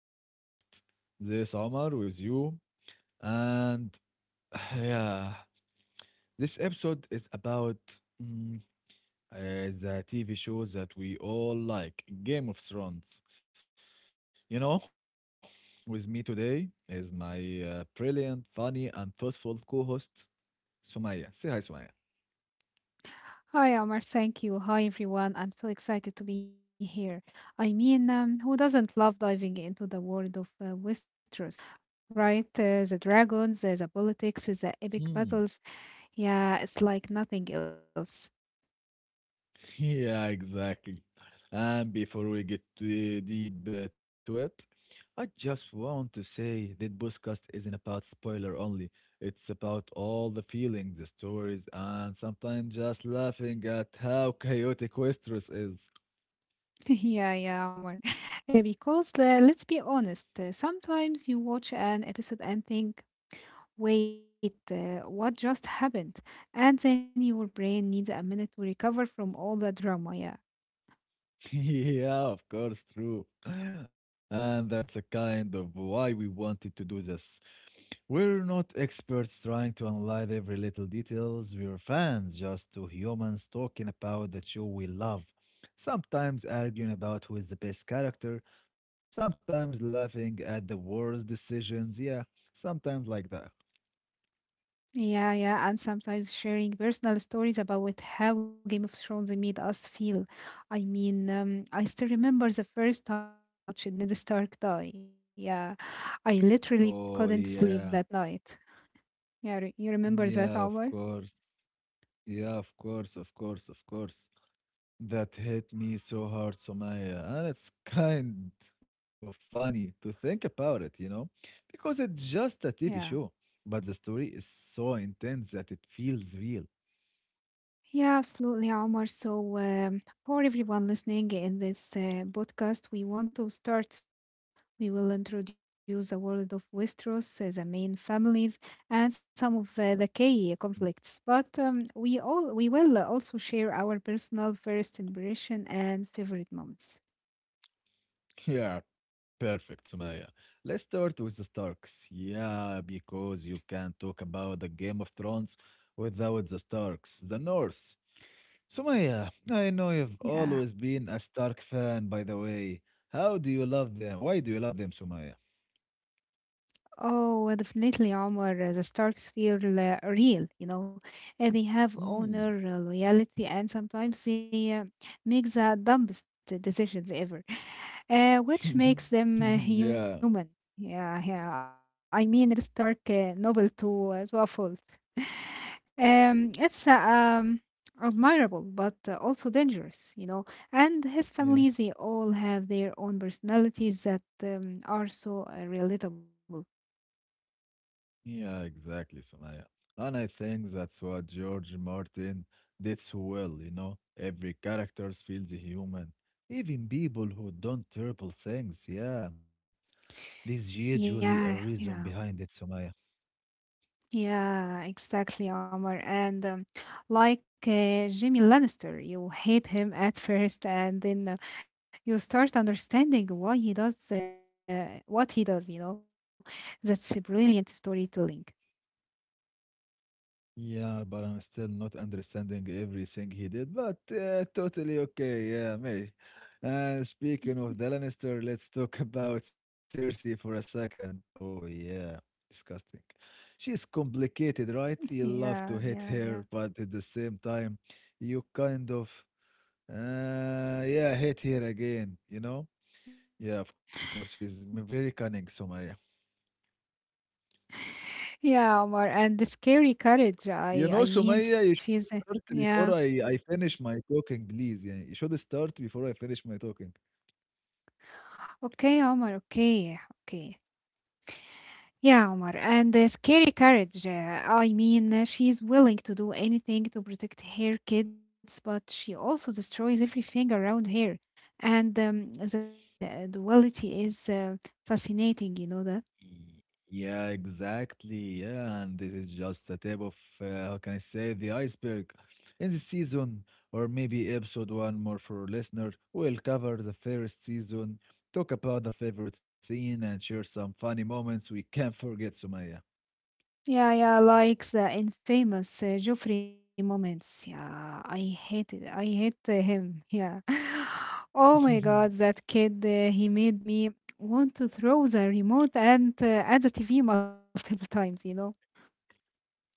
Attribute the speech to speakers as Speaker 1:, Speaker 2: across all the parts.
Speaker 1: our podcast. This Omar with you, and yeah, this episode is about mm, the TV shows that we all like, Game of Thrones. You know, with me today is my brilliant, funny, and thoughtful co-host Sumaya. Say hi,
Speaker 2: Hi, Omar. Thank you. Hi, everyone. I'm so excited to be here. I mean, who doesn't love diving into the world of Westeros, right? The dragons, the politics, the epic
Speaker 1: Sumaya.
Speaker 2: battles. Yeah, it's like nothing else.
Speaker 1: Yeah, exactly. And before we get too deep to it, I just want to say that podcast isn't about spoiler only. It's about all the feelings, the stories, and sometimes just laughing at how chaotic Westeros is.
Speaker 2: Yeah, yeah, Omar. Because let's be honest, sometimes you watch an episode and think, wait, what just happened? And then your brain needs a minute to recover from all the drama. Yeah.
Speaker 1: Yeah, of course, true. And that's a kind of why we wanted to do this. We're not experts trying to analyze every little details. We're fans, just two humans talking about the show we love. Sometimes arguing about who is the best character, sometimes laughing at the worst decisions. Yeah, sometimes like that.
Speaker 2: Yeah, yeah, and sometimes sharing personal stories about with how Game of Thrones made us feel. I mean, I still remember the first time I watched Ned Stark die. Yeah, I literally couldn't
Speaker 1: Oh,
Speaker 2: sleep that
Speaker 1: yeah.
Speaker 2: night. You remember that
Speaker 1: Yeah, of
Speaker 2: hour?
Speaker 1: course. Yeah, of course, of course, of course. That hit me so hard, Somaya, and it's kind of funny to think about it, because it's just a TV
Speaker 2: Yeah.
Speaker 1: show, but the story is so intense that it feels real.
Speaker 2: Yeah, absolutely, Omar. So, for everyone listening in this podcast, we want to start simple. We will introduce the world of Westeros, the main families, and some of the key conflicts. But we will also share our personal first impression and favorite moments.
Speaker 1: Yeah, perfect, Somaya. Let's start with the Starks. Yeah, because you can't talk about the Game of Thrones without the Starks, the Norse. Somaya, I know you've
Speaker 2: Yeah.
Speaker 1: always been a Stark fan, by the way. How do you love them? Why do you love them, Somaya?
Speaker 2: Oh, definitely, Omar. The Starks feel real, you know. They have honor, loyalty, and sometimes they make the dumbest decisions ever, which makes them
Speaker 1: Yeah,
Speaker 2: human. Yeah, yeah. I mean, the Stark noble to a fault. It's admirable, but also dangerous, you know. And his
Speaker 1: yeah,
Speaker 2: family, they all have their own personalities that are so relatable.
Speaker 1: yeah, exactly, Sumaya. And I think that's what George Martin did so well, you know. Every character feels human. Even people who don't terrible things, yeah. There's usually a
Speaker 2: Yeah,
Speaker 1: reason behind
Speaker 2: yeah,
Speaker 1: it, Sumaya.
Speaker 2: yeah, exactly, Omar. And like Jimmy Lannister, you hate him at first, and then you start understanding why he does what he does, you know. That's a brilliant storytelling.
Speaker 1: Yeah, but I'm still not understanding everything he did, but totally okay. Yeah, mate. And speaking of the Lannister, let's talk about Cersei for a second. Oh, yeah, disgusting. She's complicated, right? You love to
Speaker 2: Yeah,
Speaker 1: hate
Speaker 2: yeah,
Speaker 1: her,
Speaker 2: yeah.
Speaker 1: but at the same time, you kind of, yeah, hate her again, you know? Yeah, of course, very cunning somehow.
Speaker 2: Yeah, Omar, and the scary courage.
Speaker 1: You
Speaker 2: I
Speaker 1: know,
Speaker 2: I mean,
Speaker 1: Sumaya, you
Speaker 2: she's
Speaker 1: should
Speaker 2: a,
Speaker 1: start
Speaker 2: yeah.
Speaker 1: before I finish my talking, please. Yeah, you should start before I finish my talking.
Speaker 2: Okay, Omar. Okay, okay. Yeah, Omar, and the scary courage. I mean, she's willing to do anything to protect her kids, but she also destroys everything around her. And that's duality is fascinating, you know that?
Speaker 1: Y- Yeah, exactly. Yeah, and this is just a tip of uh, how can I say the iceberg. In the season, or maybe episode one more for listener, we'll cover the first season, talk about the favorite scene, and share some funny moments we can't forget, Sumaya.
Speaker 2: Yeah, yeah, like the infamous Joffrey moments. Yeah, I hate him. Yeah. Oh my God, that kid, he made me want to throw the remote and at the TV multiple times, you know?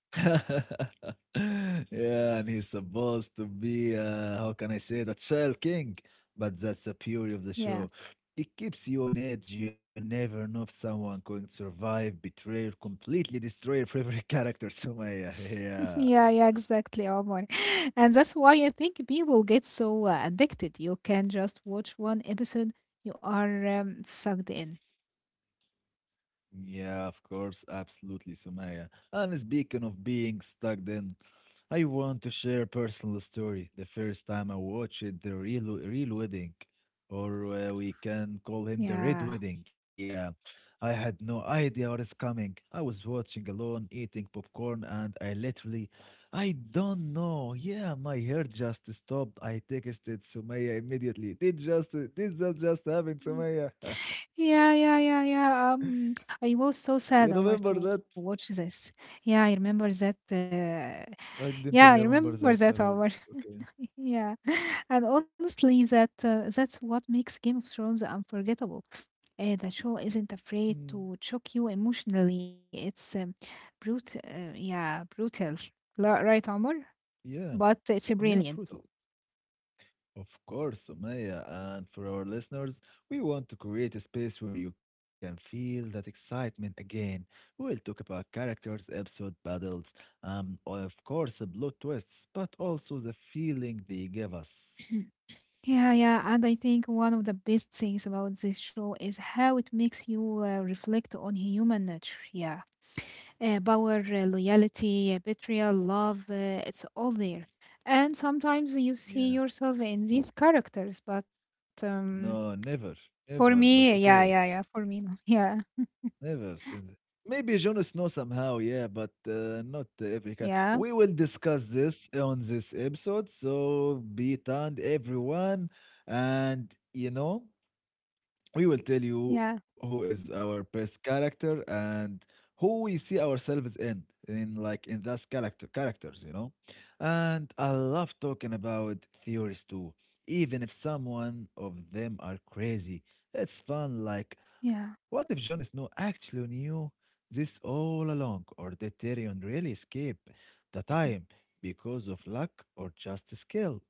Speaker 1: Yeah, and he's supposed to be, how can I say that, child king, but that's the beauty of the
Speaker 2: Yeah.
Speaker 1: show. It keeps you on edge. You never know if someone going to survive, betray, or completely destroy your favorite character. So my, yeah.
Speaker 2: Yeah, yeah, exactly, Omar. And that's why I think people get so addicted. You can just watch one episode, you are sucked in.
Speaker 1: Yeah, of course, absolutely, Sumaya. And speaking of being stuck then, I want to share a personal story. The first time I watched the real wedding, or we can call him the
Speaker 2: Yeah.
Speaker 1: red wedding. Yeah, I had no idea what is coming. I was watching alone, eating popcorn, and I literally, I don't know. Yeah, my heart just stopped. I texted Sumaya immediately. Did that just
Speaker 2: Mm.
Speaker 1: happen, Sumaya?
Speaker 2: Yeah, yeah, yeah, yeah. I was so
Speaker 1: You
Speaker 2: sad,
Speaker 1: remember
Speaker 2: Omar, to
Speaker 1: that?
Speaker 2: watch this. Yeah, I remember that.
Speaker 1: Well, I
Speaker 2: Yeah, I
Speaker 1: didn't
Speaker 2: remember that,
Speaker 1: remember that
Speaker 2: Omar.
Speaker 1: at all, but okay.
Speaker 2: Yeah, and honestly, that's what makes Game of Thrones unforgettable. The show isn't afraid
Speaker 1: Mm,
Speaker 2: to choke you emotionally. It's yeah, brutal, right, Omar?
Speaker 1: yeah,
Speaker 2: But it's
Speaker 1: yeah,
Speaker 2: brilliant too.
Speaker 1: Pluto. Of course, Sumaya. And for our listeners, we want to create a space where you can feel that excitement again. We'll talk about characters, episode battles, of course, the plot twists, but also the feeling they give us.
Speaker 2: Yeah, yeah, and I think one of the best things about this show is how it makes you reflect on human nature. Yeah, power, loyalty, betrayal, love, it's all there. And sometimes you see
Speaker 1: Yeah.
Speaker 2: yourself in these characters, but
Speaker 1: No, never,
Speaker 2: for
Speaker 1: never,
Speaker 2: me,
Speaker 1: but
Speaker 2: yeah, yeah,
Speaker 1: okay.
Speaker 2: yeah, for me, no. Yeah,
Speaker 1: Never seen it. Maybe Jon Snow somehow, yeah, but not every kind.
Speaker 2: yeah,
Speaker 1: We will discuss this on this episode. So be tuned, everyone. And, you know, we will tell you
Speaker 2: yeah,
Speaker 1: who is our best character and who we see ourselves in like in those characters, you know. And I love talking about theories too, even if someone of them are crazy. It's fun, like
Speaker 2: yeah.
Speaker 1: what if Jon Snow actually knew this all along, or did Tyrion really escape the time because of luck or just skill?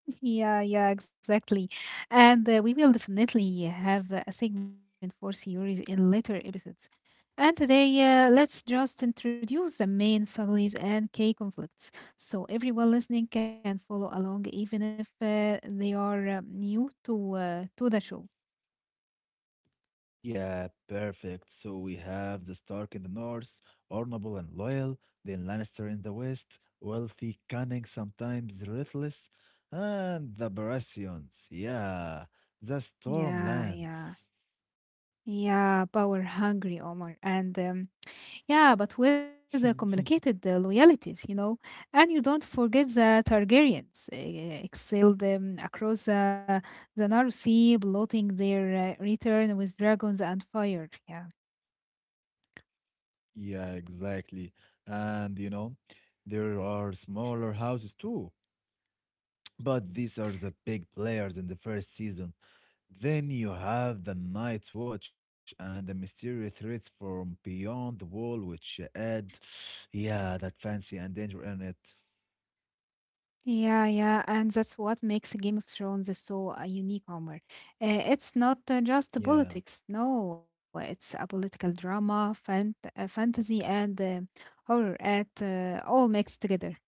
Speaker 2: Yeah, yeah, exactly. And we will definitely have a segment for series in later episodes. And today, let's just introduce the main families and key conflicts so everyone listening can follow along, even if they are new to the show.
Speaker 1: Yeah, perfect. So we have the Stark in the north, honorable and loyal, then Lannister in the west, wealthy, cunning, sometimes ruthless, and the Baratheons. Yeah, the
Speaker 2: Yeah, yeah,
Speaker 1: Stormlands.
Speaker 2: yeah, power hungry, Omar. And yeah, but with the complicated loyalties, you know. And you don't forget the Targaryens excelled across the Narrow Sea, bloating their return with dragons and fire. Yeah.
Speaker 1: Yeah, exactly. And you know, there are smaller houses too, but these are the big players in the first season. Then you have the Night Watch and the mysterious threats from beyond the wall, which add, yeah, that fancy and danger in it.
Speaker 2: Yeah, yeah, and that's what makes Game of Thrones so unique, Omar. It's not just
Speaker 1: Yeah,
Speaker 2: politics, no, it's a political drama, fantasy, and horror at all mixed together.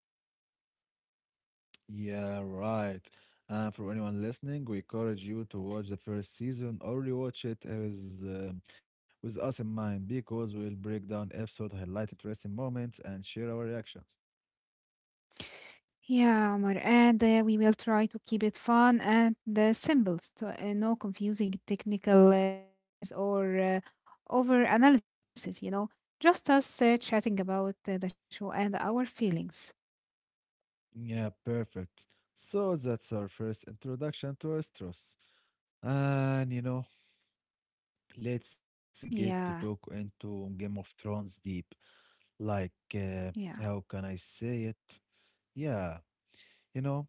Speaker 1: yeah, right. And for anyone listening, we encourage you to watch the first season or rewatch it as, with us in mind because we'll break down episode, highlight interesting moments, and share our reactions.
Speaker 2: Yeah, Omar, and we will try to keep it fun and simple, so, no confusing technical terms or over analysis, you know, just us chatting about the show and our feelings.
Speaker 1: Yeah, perfect. So that's our first introduction to Astros. And you know, let's get to
Speaker 2: Yeah,
Speaker 1: talk into Game of Thrones deep. Like, uh,
Speaker 2: yeah.
Speaker 1: how can I say it? Yeah, you know,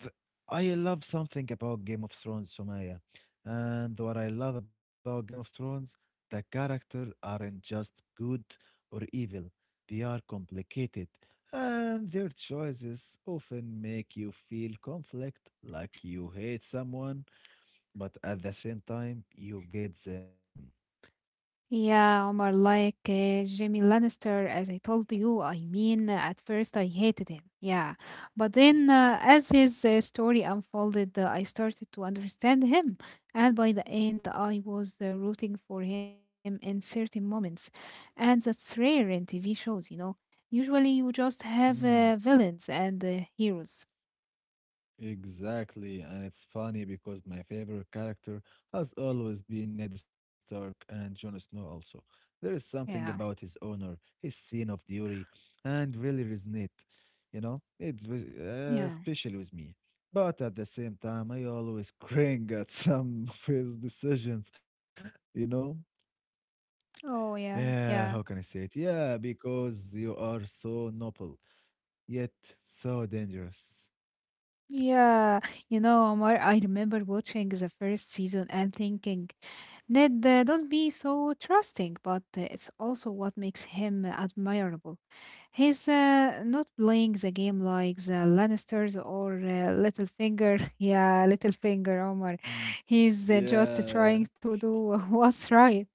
Speaker 1: th- I love something about Game of Thrones, Sumaya. And what I love about Game of Thrones, the characters aren't just good or evil. They are complicated, and their choices often make you feel conflict, like you hate someone, but at the same time, you get them.
Speaker 2: Yeah, Omar, like Jimmy Lannister, as I told you, I mean, at first I hated him, yeah. But then, as his story unfolded, I started to understand him. And by the end, I was rooting for him in certain moments. And that's rare in TV shows, you know. Usually you just have
Speaker 1: Hmm.
Speaker 2: villains and heroes.
Speaker 1: Exactly, and it's funny because my favorite character has always been Ned Stark and Jon Snow also. There is something about
Speaker 2: Yeah,
Speaker 1: his honor, his scene of duty, and really resonate, you know? It's
Speaker 2: yeah.
Speaker 1: special with me. But at the same time, I always cringe at some of his decisions, you know?
Speaker 2: Oh, yeah,
Speaker 1: Yeah, how
Speaker 2: yeah.
Speaker 1: can I say it? Yeah, because you are so noble, yet so dangerous.
Speaker 2: Yeah, you know, Omar, I remember watching the first season and thinking, Ned, don't be so trusting, but it's also what makes him admirable. He's not playing the game like the Lannisters or Littlefinger. Yeah, Littlefinger, Omar.
Speaker 1: Mm.
Speaker 2: He's just
Speaker 1: Yeah.
Speaker 2: trying to do what's right.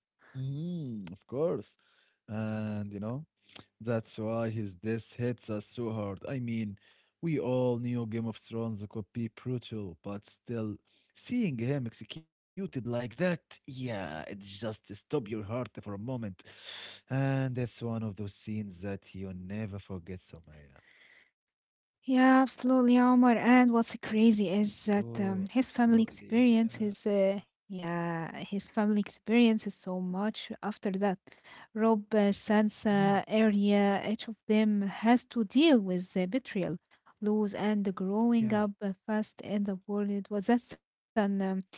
Speaker 1: Mm, of course. And you know, that's why his death hits us so hard. I mean, we all knew Game of Thrones could be brutal, but still, seeing him executed like that, yeah, it just stops your heart for a moment. And that's one of those scenes that you'll never forget, Somaya.
Speaker 2: Yeah, absolutely, Omar. And what's crazy is that
Speaker 1: Oh,
Speaker 2: his family
Speaker 1: absolutely.
Speaker 2: experience
Speaker 1: Yeah.
Speaker 2: his yeah, his family experiences so much after that. Rob,
Speaker 1: Mhm.
Speaker 2: Sansa, Arya, each of them has to deal with the betrayal, loss, and growing
Speaker 1: Yeah.
Speaker 2: up fast in the world. Was that's an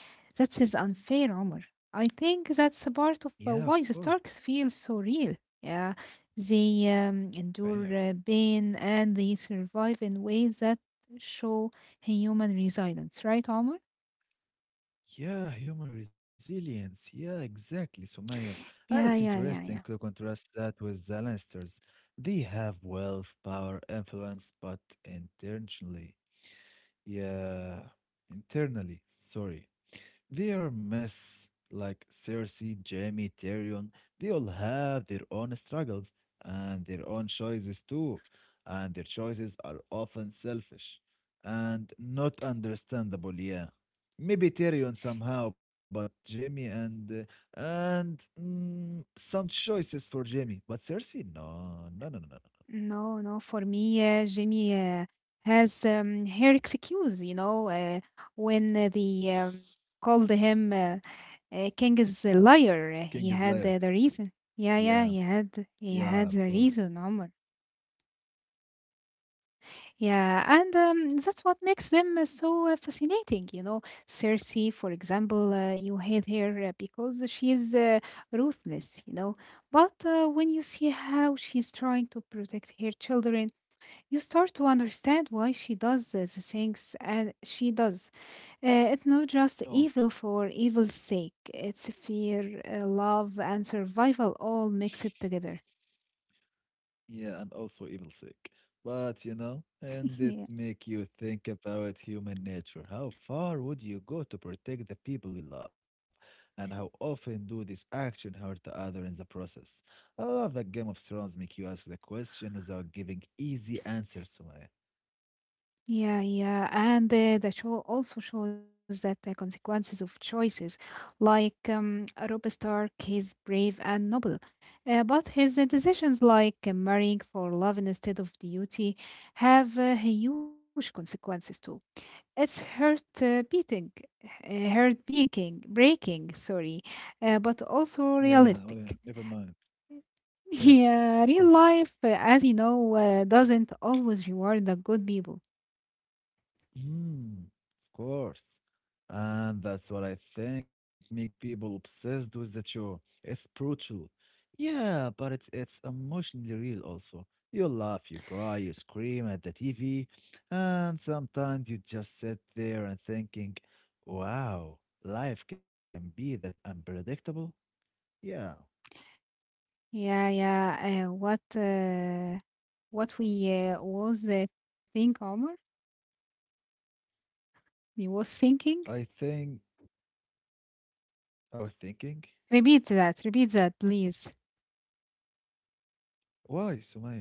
Speaker 2: that is unfair, Omar. I think that's a part of
Speaker 1: Yeah, of
Speaker 2: why the
Speaker 1: course.
Speaker 2: Starks feel so real. Yeah. They endure pain and they survive in ways that show human resilience, right, Omar?
Speaker 1: Yeah, human resilience. Yeah, exactly, Sumaya.
Speaker 2: Yeah,
Speaker 1: And it's
Speaker 2: yeah, yeah, yeah.
Speaker 1: interesting to contrast that with the Lannisters. They have wealth, power, influence, but intentionally. Yeah, internally. Sorry. They are myths like Cersei, Jaime, Tyrion. They all have their own struggles and their own choices too. And their choices are often selfish and not understandable, yeah. Maybe Tyrion somehow, but Jaime and some choices for Jaime. But Cersei, no, no, no, no, no, no.
Speaker 2: No, no, for me, Jimmy has her excuse, you know, when they called him King is a liar,
Speaker 1: King
Speaker 2: uh,
Speaker 1: is
Speaker 2: he
Speaker 1: liar.
Speaker 2: had uh, the reason. Yeah,
Speaker 1: Yeah,
Speaker 2: yeah, he
Speaker 1: yeah, of
Speaker 2: had the
Speaker 1: course.
Speaker 2: reason, Omar. Yeah, and that's what makes them so fascinating, you know. Cersei, for example, you hate her because she's ruthless, you know. But when you see how she's trying to protect her children, you start to understand why she does the things and she does. It's not just
Speaker 1: No,
Speaker 2: evil for evil's sake, it's fear, love, and survival all mixed together.
Speaker 1: yeah, and also evil sick. But you know, and it make you think about human nature. How far would you go to protect the people you love? And how often do this action hurt the other in the process? I love that Game of Thrones make you ask the question without giving easy answers, Sumaya.
Speaker 2: Yeah, yeah. And the show also shows that the consequences of choices, like Robb Stark, he's brave and noble, but his decisions, like marrying for love instead of duty, have huge consequences too. It's heart breaking, sorry, but also
Speaker 1: Yeah, well, yeah, never
Speaker 2: realistic.
Speaker 1: mind. Yeah, of
Speaker 2: Yeah, real
Speaker 1: course.
Speaker 2: life, as you know, doesn't always reward the good people.
Speaker 1: Mm, of course. And that's what I think make people obsessed with the show. It's brutal. Yeah, but it's emotionally real also. You laugh, you cry, you scream at the TV, and sometimes you just sit there and thinking, wow, life can be that unpredictable? Yeah,
Speaker 2: Yeah, yeah. What we was think, Omar? We was thinking.
Speaker 1: I think, I was thinking,
Speaker 2: Repeat that. Repeat that, please.
Speaker 1: why, Sumaya?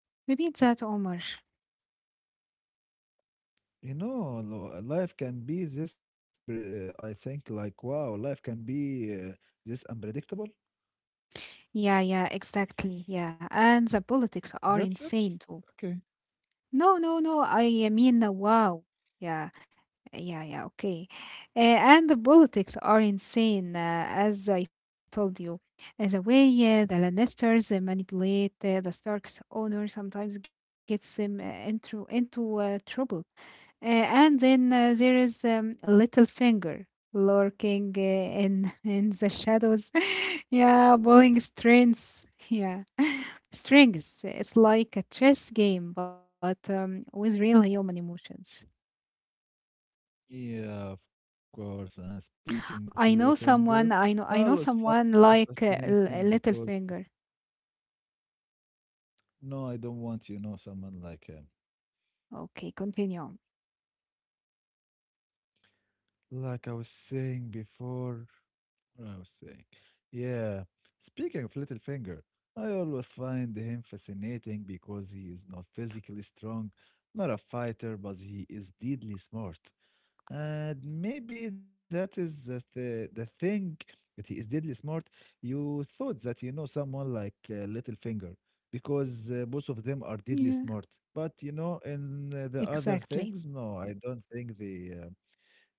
Speaker 2: Repeat that, Omar.
Speaker 1: You know, life can be this, I think, like, wow, life can be this unpredictable.
Speaker 2: Yeah, yeah, exactly. Yeah, and the politics are
Speaker 1: That's it.
Speaker 2: insane too.
Speaker 1: Okay.
Speaker 2: No, no, no. I mean, wow. Yeah. Yeah, yeah, okay. And the politics are insane, as I told you. The way the Lannisters manipulate the Stark's owner sometimes gets them into trouble. And then there is Littlefinger lurking in in the shadows. yeah, pulling strings. Yeah, strings. It's like a chess game, but with real human emotions.
Speaker 1: Yeah, of course. And speaking of
Speaker 2: I know
Speaker 1: Littlefinger,
Speaker 2: someone.
Speaker 1: I
Speaker 2: I know.
Speaker 1: was
Speaker 2: I know
Speaker 1: fucking
Speaker 2: someone like
Speaker 1: fascinating because,
Speaker 2: Littlefinger.
Speaker 1: no, I don't want, you know, someone like him.
Speaker 2: Okay, continue. On.
Speaker 1: Like I was saying before, what I was saying. Yeah, speaking of Littlefinger, I always find him fascinating because he is not physically strong, not a fighter, but he is deadly smart. And maybe that is the thing that he is deadly smart. You thought that you know someone like Littlefinger because both of them are
Speaker 2: Yeah,
Speaker 1: deadly smart. But you know, in the other
Speaker 2: exactly.
Speaker 1: things, no, I don't think they.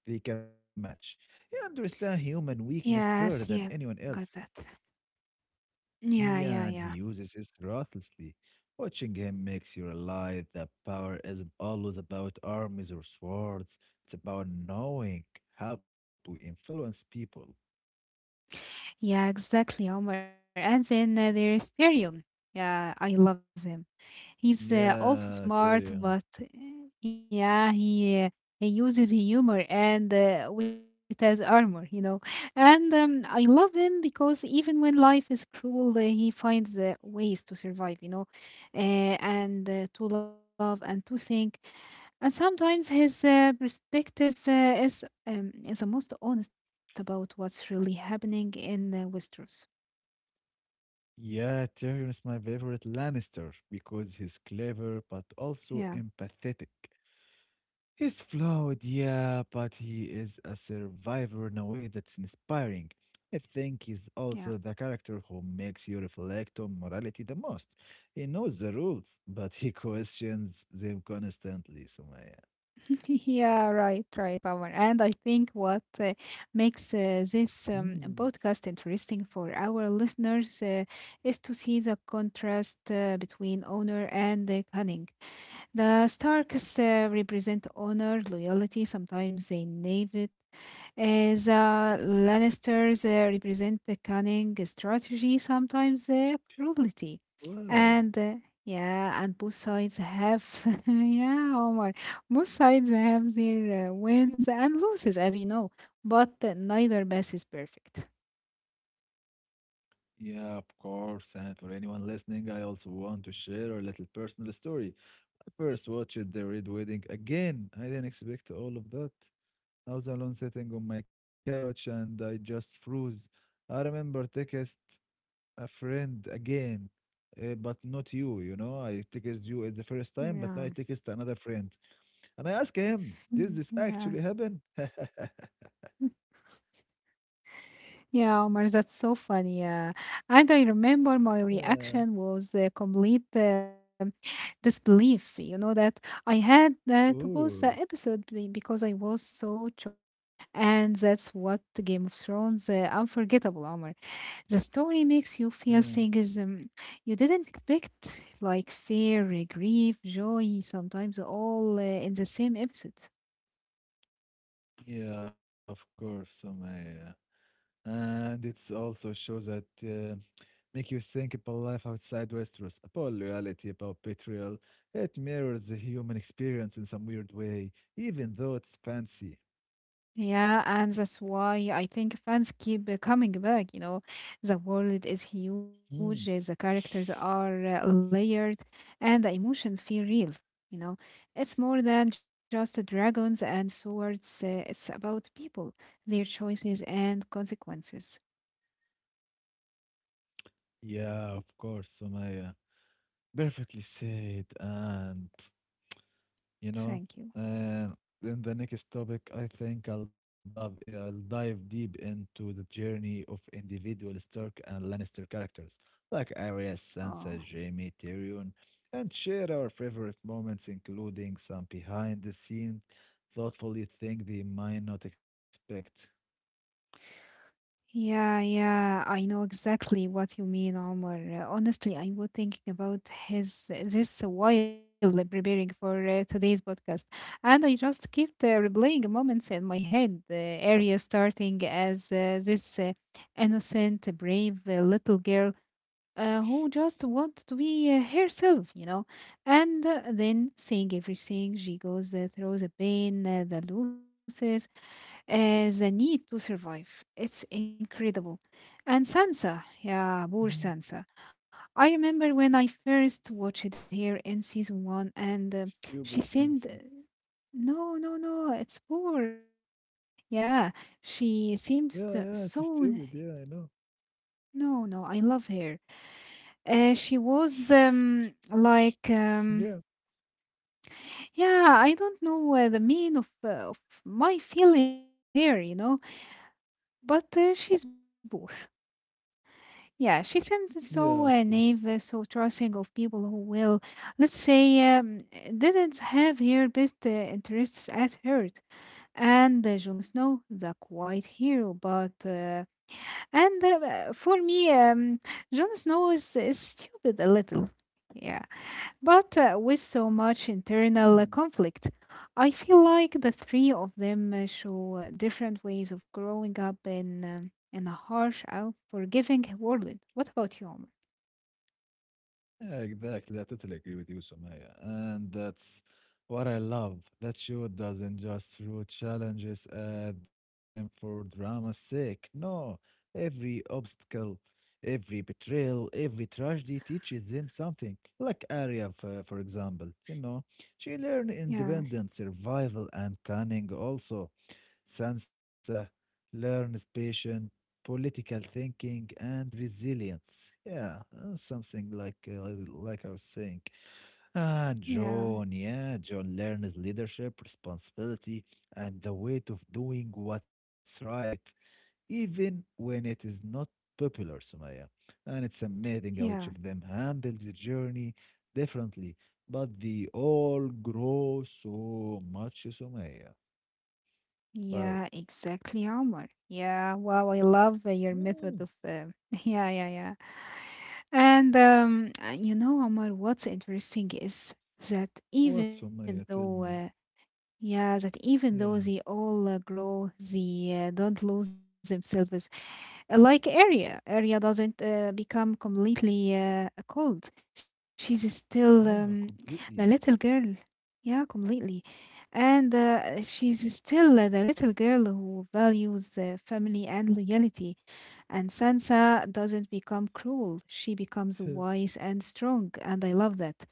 Speaker 1: They can match. He understands human weakness better than
Speaker 2: Yes.
Speaker 1: anyone
Speaker 2: Yeah, got
Speaker 1: else.
Speaker 2: that. Yeah, yeah,
Speaker 1: Yeah, and he
Speaker 2: yeah.
Speaker 1: uses it ruthlessly. Watching him makes you realize that power isn't always about armies or swords. It's about knowing how to influence people.
Speaker 2: Yeah, exactly, Omar. And then there is Tyrion. Yeah, I love him. He's also
Speaker 1: Yeah,
Speaker 2: smart, but
Speaker 1: Tyrion.
Speaker 2: yeah, he uses humor and with his armor, you know. And I love him because even when life is cruel, he finds ways to survive, you know, uh, and to love and to think. And sometimes his perspective is the most honest about what's really happening in Westeros.
Speaker 1: Yeah, Tyrion is my favorite Lannister because he's clever but
Speaker 2: Yeah,
Speaker 1: also empathetic. He's flawed, yeah, but he is a survivor in a way that's inspiring. I think he's
Speaker 2: yeah,
Speaker 1: also the character who makes you reflect on morality the most. He knows the rules, but he questions them constantly, Sumaya.
Speaker 2: yeah. Right, right, Omar. And I think what uh, makes uh, this
Speaker 1: Mm.
Speaker 2: um, podcast interesting for our listeners is to see the contrast between honor and cunning. The Starks represent honor, loyalty, sometimes they naive. The Lannisters represent the cunning strategy, sometimes cruelty.
Speaker 1: Well,
Speaker 2: And yeah, and yeah, Omar, both sides have their wins and losses, as you know, but neither path is perfect.
Speaker 1: yeah, of course. And for anyone listening, I also want to share a little personal story. I first watched The Red Wedding again. I didn't expect all of that. I was alone sitting on my couch and I just froze. I remember text a friend again, but not you, you know. I text you at the first time,
Speaker 2: Yeah.
Speaker 1: but now I text another friend. And I ask him,
Speaker 2: Mm,
Speaker 1: did this
Speaker 2: yeah,
Speaker 1: actually happen?
Speaker 2: yeah, Omar, that's so funny. Yeah, and I remember my
Speaker 1: Yeah.
Speaker 2: reaction was complete, this belief, you know, that I had to pause the
Speaker 1: Ooh.
Speaker 2: episode because I was so shocked. And that's what Game of Thrones unforgettable Omar, the story makes you
Speaker 1: Yeah.
Speaker 2: feel things you didn't expect, like fear, grief, joy, sometimes all in the same episode.
Speaker 1: Yeah, of course, Sumaya. And it's also shows that make you think about life outside Westeros, about loyalty, about betrayal. It mirrors the human experience in some weird way, even though it's fancy.
Speaker 2: Yeah, and that's why I think fans keep coming back. You know, the world is huge,
Speaker 1: Hmm.
Speaker 2: the characters are layered, and the emotions feel real. You know, it's more than just dragons and swords, it's about people, their choices, and consequences.
Speaker 1: Yeah, of course, Somaya. Perfectly said. And you
Speaker 2: Thank you.
Speaker 1: know. And in the next topic, I think I'll dive deep into the journey of individual Stark and Lannister characters like Arya,
Speaker 2: Oh.
Speaker 1: Sansa, Jaime, Tyrion, and share our favorite moments, including some behind the scenes, thoughtfully thing they might not expect.
Speaker 2: Yeah, yeah, I know exactly what you mean, Omar. Honestly, I was thinking about his this while preparing for today's podcast, and I just kept replaying moments in my head. The area starting as this innocent, brave little girl who just wanted to be herself, and then seeing everything she goes through the pain, the losses the need to survive. It's incredible. And Sansa, yeah,
Speaker 1: Mhm.
Speaker 2: poor Sansa. I remember when I first watched her in season one, and
Speaker 1: Stupid
Speaker 2: she seemed.
Speaker 1: Sansa.
Speaker 2: No, no, no, it's poor Omar. Yeah, she
Speaker 1: Yeah,
Speaker 2: seemed
Speaker 1: yeah,
Speaker 2: so.
Speaker 1: it's stupid.
Speaker 2: so-
Speaker 1: Yeah, I know.
Speaker 2: No, no, I love her. She was like.
Speaker 1: Yeah,
Speaker 2: Yeah, I don't know the mean of my feeling of her, you know, but she's poor. Yeah, she seems so
Speaker 1: yeah, of course.
Speaker 2: naive, so trusting of people who will, let's say, didn't have her best interests at heart. And Jon Snow, the quiet hero, but and for me, Jon Snow is stupid a little. Yeah. But with so much internal
Speaker 1: Hmm.
Speaker 2: conflict, I feel like the three of them show different ways of growing up in a harsh, unforgiving world. What about you, Omar?
Speaker 1: Yeah, exactly, I totally agree with you, Sumaya. And that's what I love. That show doesn't just throw challenges at them for drama's sake. No, every obstacle, every betrayal, every tragedy teaches them something. Like Arya, for example, you know, she learned
Speaker 2: Yeah,
Speaker 1: independence, survival, and cunning also. Sansa learns patience, political thinking, and resilience. Yeah, something like I was saying. And
Speaker 2: yeah,
Speaker 1: John, yeah, John learns leadership, responsibility, and the weight of doing what's right, even when it is not popular, Sumaya. And it's amazing how each
Speaker 2: yeah,
Speaker 1: of them handles the journey differently, but they all grow so much, Sumaya.
Speaker 2: yeah,
Speaker 1: Wow.
Speaker 2: exactly, Omar. Yeah, wow, I love your
Speaker 1: Mm.
Speaker 2: method of. Yeah, yeah, yeah. And you know, Omar, what's interesting is that
Speaker 1: What's Umayyah? Tell me.
Speaker 2: even
Speaker 1: Yeah.
Speaker 2: though they all grow, they don't lose themselves. Like Arya doesn't become completely cold. She's still
Speaker 1: Wow, completely.
Speaker 2: the little girl. Yeah, completely. And she's still the little girl who values family and loyalty. And Sansa doesn't become cruel, she becomes wise and strong, and I love that.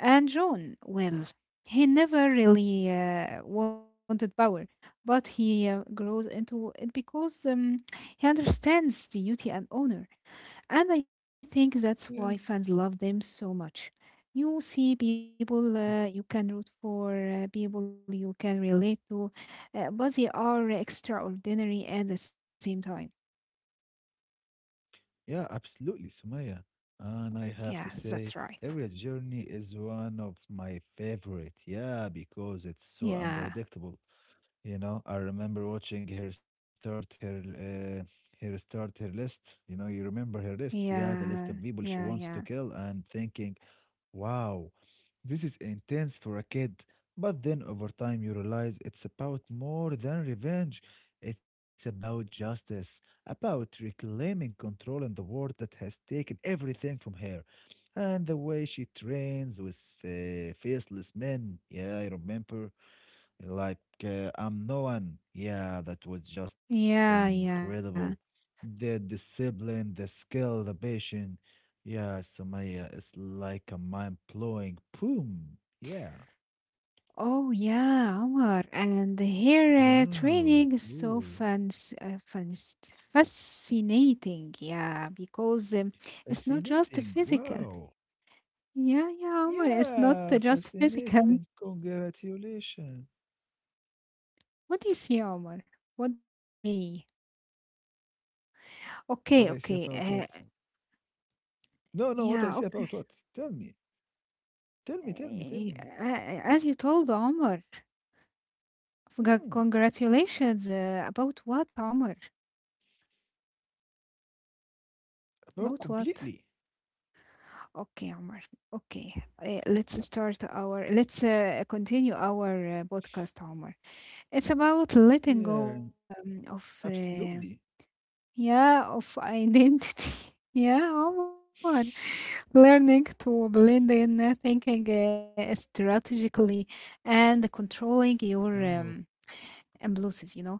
Speaker 2: And Jon, well, he never really wanted power, but he grows into it because he understands duty and honor. And I think that's why
Speaker 1: yeah.
Speaker 2: fans love them so much. You see people you can root for, people you can relate to, but they are extraordinary at the same time.
Speaker 1: Yeah, absolutely, Sumaya. And I
Speaker 2: Yeah,
Speaker 1: have to
Speaker 2: that's right.
Speaker 1: say, Ariel's journey is one of my favorite. Yeah, because it's
Speaker 2: Yeah.
Speaker 1: so unpredictable. You know, I remember watching her start her list. You know, you remember her list. Yeah, the
Speaker 2: Yeah.
Speaker 1: list of people
Speaker 2: Yeah.
Speaker 1: she
Speaker 2: Yeah.
Speaker 1: wants to kill and thinking, wow, this is intense for a kid. But then over time, you realize it's about more than revenge. It's about justice, about reclaiming control in the world that has taken everything from her. And the way she trains with faceless men. Yeah, I remember. Like, I'm no one. Yeah, that was just
Speaker 2: Yeah. Yeah.
Speaker 1: incredible. The discipline, the skill, the passion. Yeah, Somalia is like a mind blowing boom. Yeah.
Speaker 2: Oh yeah, Omar. And here
Speaker 1: Wow.
Speaker 2: training is so
Speaker 1: Ooh.
Speaker 2: fascinating. Yeah, because it's not just
Speaker 1: Fascinating.
Speaker 2: physical.
Speaker 1: Wow.
Speaker 2: Yeah, yeah, Omar. It's not
Speaker 1: Yeah,
Speaker 2: just physical.
Speaker 1: fascinating. Congratulations.
Speaker 2: What do you see, Omar? What do you say?
Speaker 1: What I say
Speaker 2: Okay,
Speaker 1: about
Speaker 2: okay.
Speaker 1: what? No, no, what I say
Speaker 2: Yeah,
Speaker 1: about
Speaker 2: okay.
Speaker 1: what? Tell me. Tell me, tell me, tell
Speaker 2: Uh,
Speaker 1: me.
Speaker 2: as you told Omar,
Speaker 1: Hmm,
Speaker 2: Congratulations about what, Omar?
Speaker 1: about
Speaker 2: About
Speaker 1: completely.
Speaker 2: what? Okay, Omar. Okay, let's start our. Let's continue our podcast, Omar. It's about letting go
Speaker 1: Yeah,
Speaker 2: of um, of
Speaker 1: absolutely.
Speaker 2: uh, yeah of identity. yeah, Omar. Learning to blend in, thinking strategically, and controlling your
Speaker 1: Oh,
Speaker 2: impulses. You know,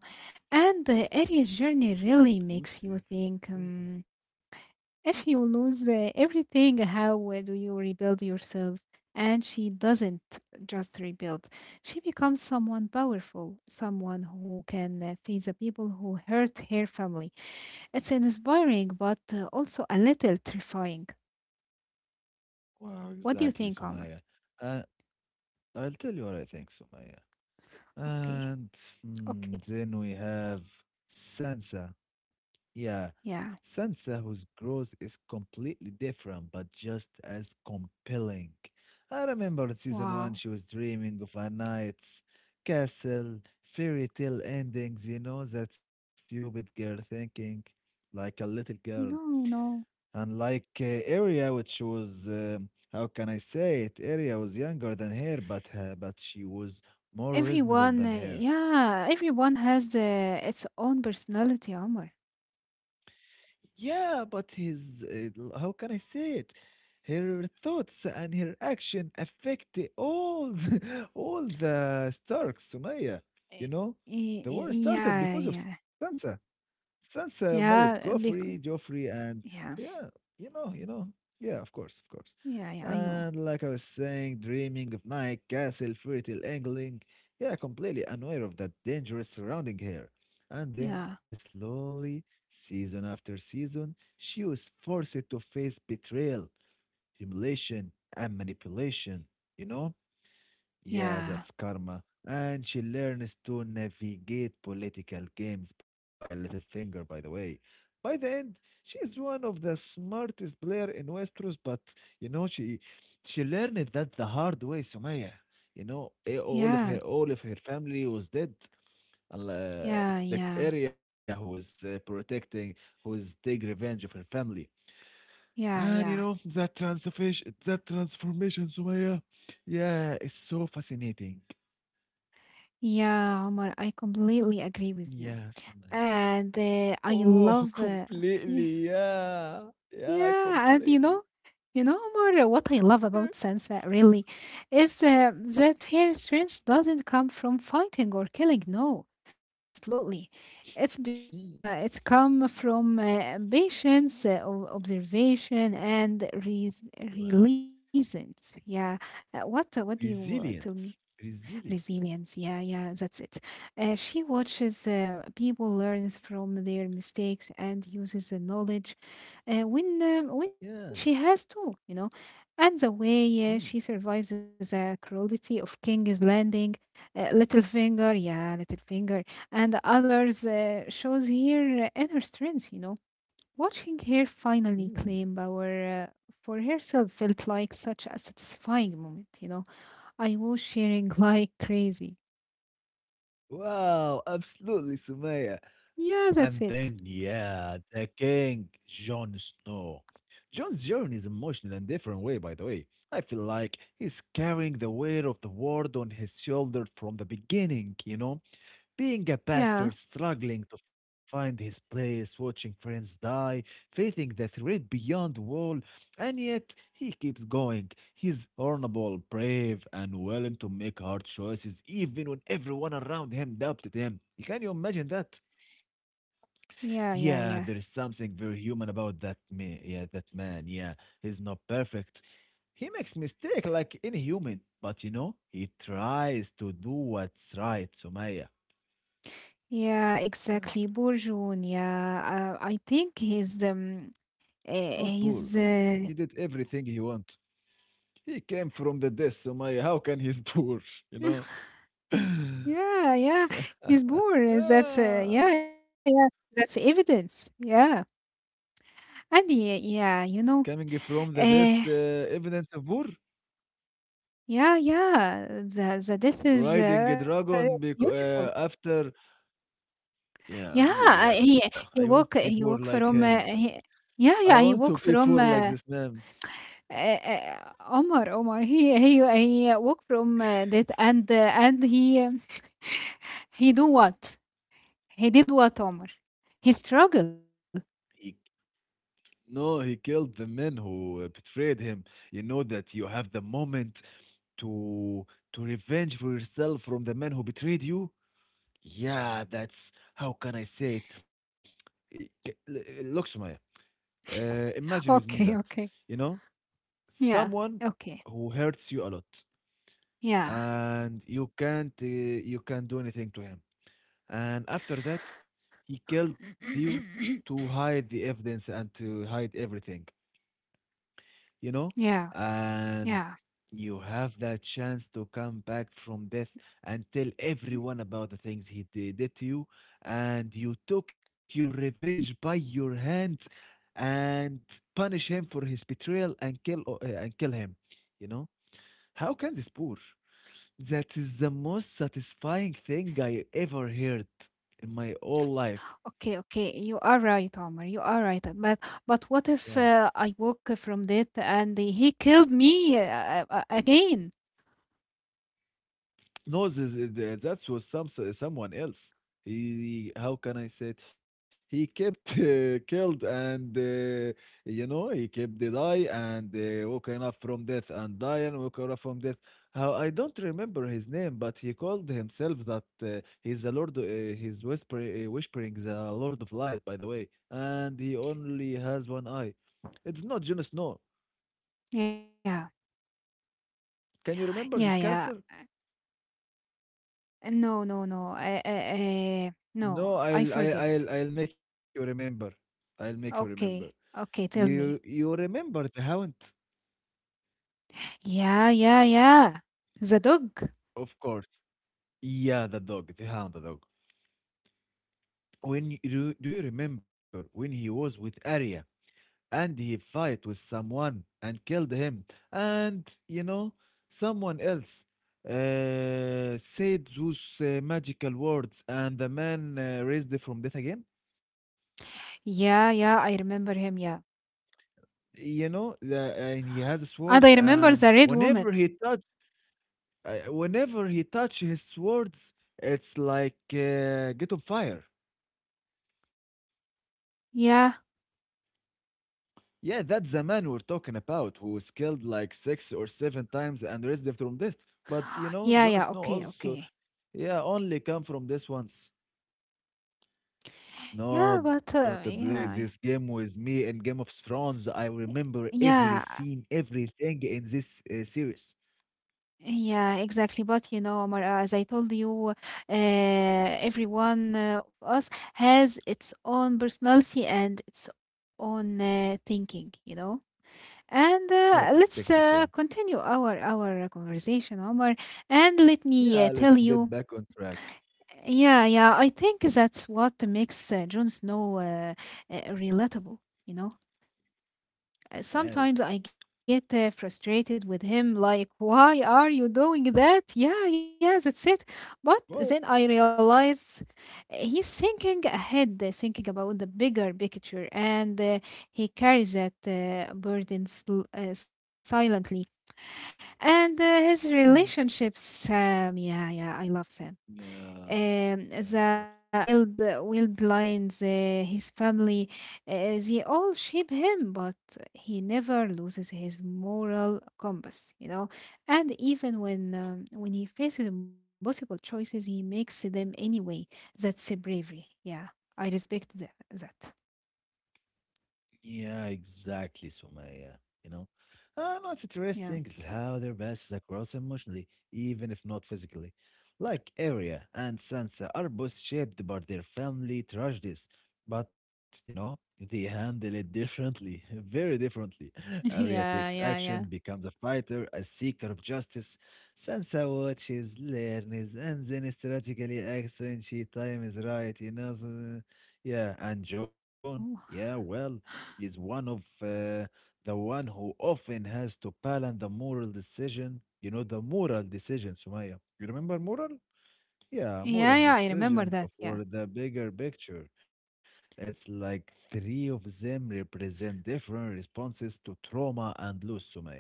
Speaker 2: and the area journey really makes
Speaker 1: Lucy's!
Speaker 2: you
Speaker 1: Ooh.
Speaker 2: think. If you lose everything, how do you rebuild yourself? And she doesn't just rebuild. She becomes someone powerful, someone who can face the people who hurt her family. It's inspiring, but also a little terrifying.
Speaker 1: Wow,
Speaker 2: What do you
Speaker 1: exactly,
Speaker 2: think, Omar?
Speaker 1: Sumaya. Uh, I'll tell you what I think, Sumaya.
Speaker 2: Okay,
Speaker 1: And hmm,
Speaker 2: okay,
Speaker 1: then we have Sansa. Yeah,
Speaker 2: yeah.
Speaker 1: Sansa, whose growth is completely different, but just as compelling. I remember in season
Speaker 2: Wow.
Speaker 1: one, she was dreaming of a knight's castle, fairy tale endings, you know, that stupid girl thinking like a little girl.
Speaker 2: No, no.
Speaker 1: Unlike Arya, which was how can I say it? Arya was younger than her, but she was more reasonable
Speaker 2: Everyone,
Speaker 1: than her.
Speaker 2: yeah, everyone has its own personality, Omar.
Speaker 1: Yeah, but his how can I say it? Her thoughts and her action affect all all the Starks, Sumaya.
Speaker 2: Eh,
Speaker 1: You know,
Speaker 2: eh,
Speaker 1: the
Speaker 2: eh,
Speaker 1: war started
Speaker 2: Yeah,
Speaker 1: because of
Speaker 2: yeah.
Speaker 1: Sansa. Sansa married Joffrey,
Speaker 2: Yeah, because
Speaker 1: Joffrey, and
Speaker 2: yeah.
Speaker 1: yeah, you know, yeah, of course, of course.
Speaker 2: Yeah, yeah, I know.
Speaker 1: And like I was saying, dreaming of night, castle, fairy tale angling, yeah, completely unaware of that dangerous surrounding her. And then
Speaker 2: Yeah,
Speaker 1: slowly, season after season, she was forced to face betrayal, humiliation, and manipulation, you know?
Speaker 2: yeah,
Speaker 1: Yeah, that's karma. And she learns to navigate political games by little finger, by the way. By the end, she's one of the smartest player in Westeros, but you know, she learned that the hard way, Sumaya. You know, eh, all of
Speaker 2: yeah,
Speaker 1: her all of her family was dead. And, uh,
Speaker 2: yeah,
Speaker 1: except
Speaker 2: yeah,
Speaker 1: Arya, who is protecting, who is take revenge of her family.
Speaker 2: yeah,
Speaker 1: And you
Speaker 2: yeah.
Speaker 1: know, that transformation, Sumaya, yeah, it's so fascinating.
Speaker 2: Yeah, Omar, I completely agree with you.
Speaker 1: Yes, I.
Speaker 2: And I
Speaker 1: Oh,
Speaker 2: love
Speaker 1: completely.
Speaker 2: yeah,
Speaker 1: Yeah. Yeah,
Speaker 2: yeah, and you
Speaker 1: completely.
Speaker 2: know, you know, Omar, what I love
Speaker 1: Yeah.
Speaker 2: about Sansa really is that her strength doesn't come from fighting or killing, no. Absolutely. It's
Speaker 1: Mm,
Speaker 2: become uh, it's come from patience, observation and
Speaker 1: wow.
Speaker 2: reasons. Yeah. What do you tell me?
Speaker 1: Resilience, resilience.
Speaker 2: Resilience. Yeah, yeah, that's it. She watches people learns from their mistakes and uses the knowledge when she
Speaker 1: Yeah.
Speaker 2: has to, you know. And the way she
Speaker 1: Mm.
Speaker 2: survives the cruelty of King's Landing, Littlefinger, and others shows her inner strength, you know. Watching her
Speaker 1: Mm.
Speaker 2: finally claim power for herself felt like such a satisfying moment, you know I was sharing like crazy.
Speaker 1: Wow, absolutely, Sumaya. And
Speaker 2: Yeah,
Speaker 1: then,
Speaker 2: that's it.
Speaker 1: yeah, the king, Jon Snow. Jon's journey is emotional in different way, by the way. I feel like he's carrying the weight of the world on his shoulder from the beginning, you know? Being a
Speaker 2: Yeah,
Speaker 1: pastor, struggling to find his place, watching friends die, facing the threat beyond the wall, and yet he keeps going. He's honorable, brave, and willing to make hard choices even when everyone around him doubted him. Can you imagine that?
Speaker 2: yeah,
Speaker 1: Yeah,
Speaker 2: yeah,
Speaker 1: there is
Speaker 2: yeah.
Speaker 1: something very human about that man. Yeah, that man. Yeah, he's not perfect. He makes mistake like any human, but you know, he tries to do what's right, Sumaya.
Speaker 2: Yeah, exactly. Bourgeon, yeah. I think
Speaker 1: Not poor.
Speaker 2: he's
Speaker 1: He did everything he want. He came from the death, Sumaya. How can he's poor? You know?
Speaker 2: yeah, yeah. He's born. That's yeah,
Speaker 1: Ah,
Speaker 2: yeah. That's evidence. Yeah. And
Speaker 1: coming from the death,
Speaker 2: uh,
Speaker 1: evidence of poor.
Speaker 2: yeah, yeah. The this is
Speaker 1: Riding a dragon
Speaker 2: beautiful.
Speaker 1: after. Yeah,
Speaker 2: Yeah,
Speaker 1: poor. Yeah.
Speaker 2: he
Speaker 1: I want to
Speaker 2: he
Speaker 1: be
Speaker 2: walk
Speaker 1: poor
Speaker 2: he
Speaker 1: like
Speaker 2: walk
Speaker 1: him.
Speaker 2: from
Speaker 1: I
Speaker 2: yeah, yeah,
Speaker 1: want to
Speaker 2: he
Speaker 1: be
Speaker 2: walk
Speaker 1: poor
Speaker 2: from
Speaker 1: like this man.
Speaker 2: Uh, Omar Omar, he work from that and he he do what? He did what Omar? He struggle.
Speaker 1: He, no, he killed the men who betrayed him. You know that you have the moment to to revenge for yourself from the man who betrayed you. Yeah, that's how can I say it? Look, Sumaya, imagine with
Speaker 2: Okay,
Speaker 1: me that,
Speaker 2: okay.
Speaker 1: you know,
Speaker 2: Yeah.
Speaker 1: someone
Speaker 2: Okay.
Speaker 1: who hurts you a lot
Speaker 2: Yeah.
Speaker 1: and you can't do anything to him. And after that, he killed you to hide the evidence and to hide everything, you know,
Speaker 2: yeah. Yeah.
Speaker 1: and you have that chance to come back from death and tell everyone about the things did to you, and you took your revenge by your hand and punish him for his betrayal and kill and kill him, you know. How can this poor? That is the most satisfying thing I ever heard in my whole
Speaker 2: Okay.
Speaker 1: life.
Speaker 2: Okay. You are right, Omar. You are right. But what if
Speaker 1: Yeah.
Speaker 2: I woke from death and he killed me again?
Speaker 1: No, that was some someone else. He, how can I say it? He kept killed and you know he kept the die and waking up from death and dying woke up from death. How I don't remember his name, but he called himself that he's the Lord. Whispering the Lord of Light, by the way, and he only has one eye. It's not Jon Snow.
Speaker 2: Yeah.
Speaker 1: Can you
Speaker 2: Yeah.
Speaker 1: remember this
Speaker 2: Yeah.
Speaker 1: character?
Speaker 2: Eh, No, no, no. No,
Speaker 1: No,
Speaker 2: I forget.
Speaker 1: I'll make you remember. I'll make you remember.
Speaker 2: Okay, okay, tell
Speaker 1: You
Speaker 2: me.
Speaker 1: you remember the hound?
Speaker 2: Yeah, yeah, yeah. The dog.
Speaker 1: Of course. Yeah, the dog, the hound, the dog. When you, do you remember when he was with Arya and he fight with someone and killed him and you know someone else said those magical words and the man raised from death again?
Speaker 2: Yeah, yeah, I remember him. Yeah.
Speaker 1: You know, the, and he has
Speaker 2: And I
Speaker 1: swords
Speaker 2: remember the
Speaker 1: and
Speaker 2: red woman.
Speaker 1: whenever he touch. Whenever he touch his swords, it's like get on fire.
Speaker 2: Yeah,
Speaker 1: Yeah, that's the man we're talking about who was killed like six or seven times and raised from death. But you
Speaker 2: yeah,
Speaker 1: know,
Speaker 2: yeah.
Speaker 1: Jon Snow
Speaker 2: Okay,
Speaker 1: also,
Speaker 2: okay.
Speaker 1: yeah, only come from this once. No,
Speaker 2: Yeah,
Speaker 1: don't
Speaker 2: but
Speaker 1: play
Speaker 2: uh,
Speaker 1: this game
Speaker 2: yeah.
Speaker 1: with me in Game of Thrones. I
Speaker 2: y-
Speaker 1: remember every
Speaker 2: Yeah,
Speaker 1: scene, everything in this series.
Speaker 2: yeah, exactly. But you know, Omar, as I told you, uh, everyone of us has its own personality and its own thinking, you know? And
Speaker 1: Yeah,
Speaker 2: let's
Speaker 1: perspective. Yeah,
Speaker 2: continue our conversation, Omar. And let me
Speaker 1: yeah. Let's
Speaker 2: tell
Speaker 1: get
Speaker 2: you,
Speaker 1: back on track.
Speaker 2: yeah, yeah, I think that's what makes Jon Snow relatable. You know,
Speaker 1: Wow.
Speaker 2: sometimes I get frustrated with him, like, why are you doing that? Yeah, yeah, that's it. But then
Speaker 1: Well,
Speaker 2: I realize he's thinking ahead, thinking about the bigger picture, and he carries that burden silently and his
Speaker 1: mm,
Speaker 2: relationships sam yeah yeah I love sam
Speaker 1: yeah, yeah, of
Speaker 2: the
Speaker 1: course.
Speaker 2: wild lions his family they all shape him but he never loses his moral compass you know and even when he faces impossible choices he makes them anyway that's a bravery yeah I respect that.
Speaker 1: Yeah, exactly, Sumaya. You know, what's
Speaker 2: Yeah
Speaker 1: interesting is how their passes across emotionally, even if not physically. Like Arya and Sansa are both shaped by their family tragedies, but you know, they handle it differently, very differently. Arya
Speaker 2: yeah
Speaker 1: takes
Speaker 2: yeah yeah
Speaker 1: action, becomes a fighter, a seeker of justice. Sansa watches, learns, and then strategically acts when she time is right. You know, so, yeah, and John, yeah,
Speaker 2: Oh.
Speaker 1: well is one of the one who often has to balance the moral decision. You know, the moral decision, Sumaya. You remember moral? Yeah,
Speaker 2: yeah
Speaker 1: moral
Speaker 2: yeah I remember
Speaker 1: decision
Speaker 2: that yeah
Speaker 1: for the bigger picture. It's like three of them represent different responses to trauma and loss, Sumaya.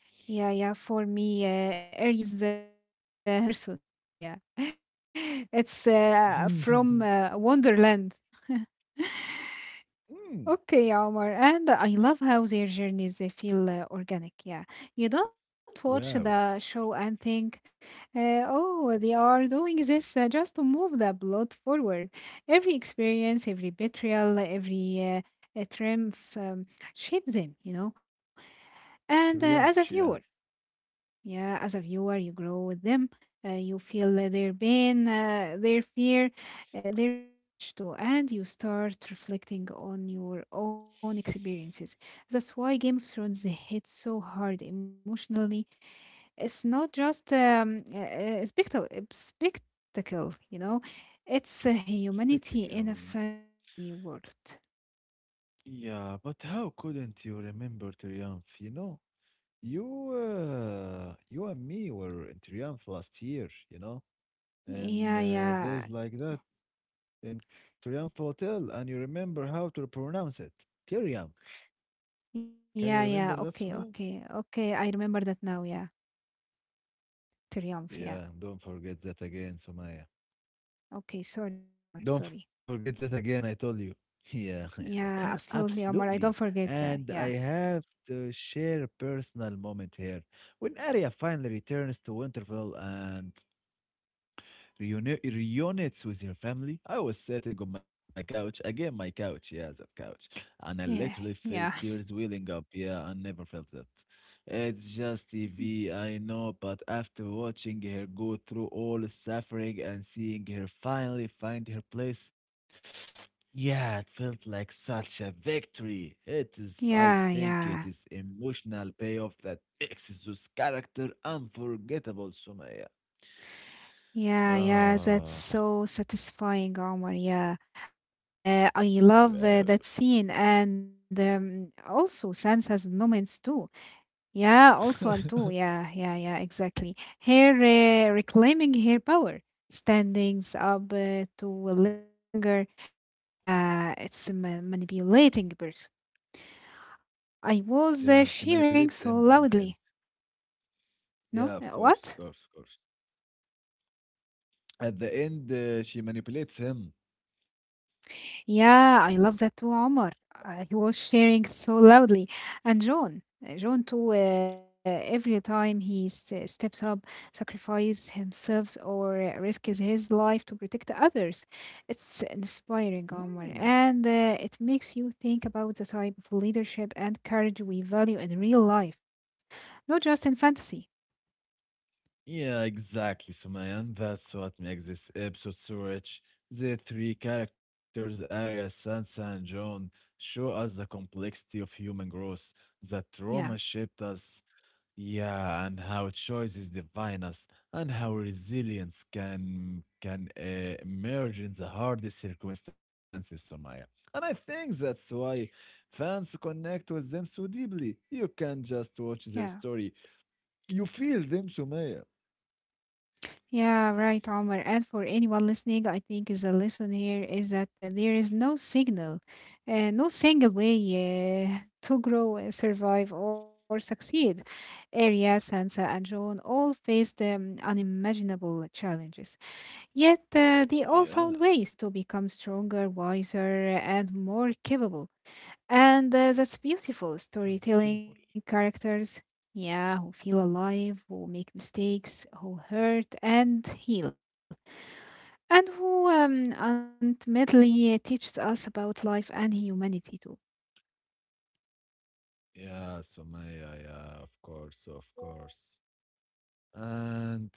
Speaker 2: Yeah, yeah. For me, Arya is not real person. Yeah, yeah. It's from Wonderland.
Speaker 1: Mm,
Speaker 2: Okay, Omar, and I love how their journeys they feel organic. Yeah, you don't watch the
Speaker 1: wow,
Speaker 2: show and think, "Oh, they are doing this just to move the plot forward." Every experience, every betrayal, every triumph shapes them, you know. And as a
Speaker 1: triumph,
Speaker 2: viewer,
Speaker 1: yeah,
Speaker 2: Yeah, as a viewer, you grow with them. You feel their pain, their fear, their courage too, and you start reflecting on your own experiences. That's why Game of Thrones hits so hard emotionally. It's not just a spectacle, spectacle, you know, it's humanity
Speaker 1: spectacle.
Speaker 2: in a
Speaker 1: Yeah,
Speaker 2: fantasy world.
Speaker 1: yeah, but how couldn't you remember triumph? You know. You, you and me were in Triumph last year, you know,
Speaker 2: Yeah,
Speaker 1: and
Speaker 2: yeah,
Speaker 1: days like that in Triumph Hotel, and you remember how to pronounce it. Triumph. Can you
Speaker 2: yeah.
Speaker 1: remember that,
Speaker 2: Okay,
Speaker 1: Sumaya?
Speaker 2: okay, okay. I remember that now. Yeah. Triumph, yeah.
Speaker 1: Yeah, don't forget that again, Sumaya.
Speaker 2: Okay, sorry, Omar.
Speaker 1: Don't
Speaker 2: Sorry.
Speaker 1: forget that again, I told you. Yeah,
Speaker 2: Yeah, absolutely, Omar.
Speaker 1: absolutely.
Speaker 2: I don't forget
Speaker 1: And
Speaker 2: that.
Speaker 1: I
Speaker 2: Yeah.
Speaker 1: have to share a personal moment here. When Arya finally returns to Winterfell and reunites with your family. I was sitting on my couch, again, my couch, yeah, that couch, and I
Speaker 2: Yeah.
Speaker 1: literally
Speaker 2: Yeah.
Speaker 1: felt tears welling up. Yeah, I never felt that. It's just TV, I know, but after watching her go through all the suffering and seeing her finally find her place, yeah, it felt like such a victory. It is, I
Speaker 2: Yeah,
Speaker 1: think, it
Speaker 2: yeah.
Speaker 1: is emotional payoff that makes this character unforgettable, Sumaya.
Speaker 2: Yeah, yeah, that's
Speaker 1: Oh.
Speaker 2: so satisfying, Omar. Yeah. I
Speaker 1: Wow.
Speaker 2: love that scene and also Sansa's moments too. Yeah, also and too. Yeah, yeah, yeah, exactly. Her reclaiming her power, standing up to a little finger. Yeah, it's manipulating person. I was
Speaker 1: yeah, she
Speaker 2: cheering so
Speaker 1: manipulates him at
Speaker 2: loudly.
Speaker 1: the end.
Speaker 2: No?
Speaker 1: Yeah, of
Speaker 2: What?
Speaker 1: course, of course, of course. At the end, she manipulates him.
Speaker 2: Yeah, I love that too, Omar. He was cheering so loudly. And John, John too, every time he steps up, sacrifices himself or risks his life to protect others. It's inspiring,
Speaker 1: Mm.
Speaker 2: Omar. And it makes you think about the type of leadership and courage we value in real life, not just in fantasy.
Speaker 1: Yeah, exactly, Sumaya. And that's what makes this episode so rich. The three characters, Arya, Sansa, and Jon, show us the complexity of human growth, the trauma
Speaker 2: Yeah,
Speaker 1: shaped us, yeah, and how choice is divine us, and how resilience can emerge in the hardest circumstances, Somaya. And I think that's why fans connect with them so deeply. You can't just watch
Speaker 2: yeah.
Speaker 1: their story; you feel them, Somaya.
Speaker 2: Yeah, right, Omar. And for anyone listening, I think is a lesson here is that there is no signal, no single way to grow, survive, or succeed. Arya, Sansa, and Jon all faced unimaginable challenges, yet they all
Speaker 1: Yeah,
Speaker 2: found ways to become stronger, wiser, and more capable. And that's beautiful
Speaker 1: oh, capable.
Speaker 2: storytelling characters. Yeah, who feel alive, who make mistakes, who hurt and heal, and who ultimately teaches us about life and humanity too.
Speaker 1: Yeah, Somaya. Yeah, of course, of course. And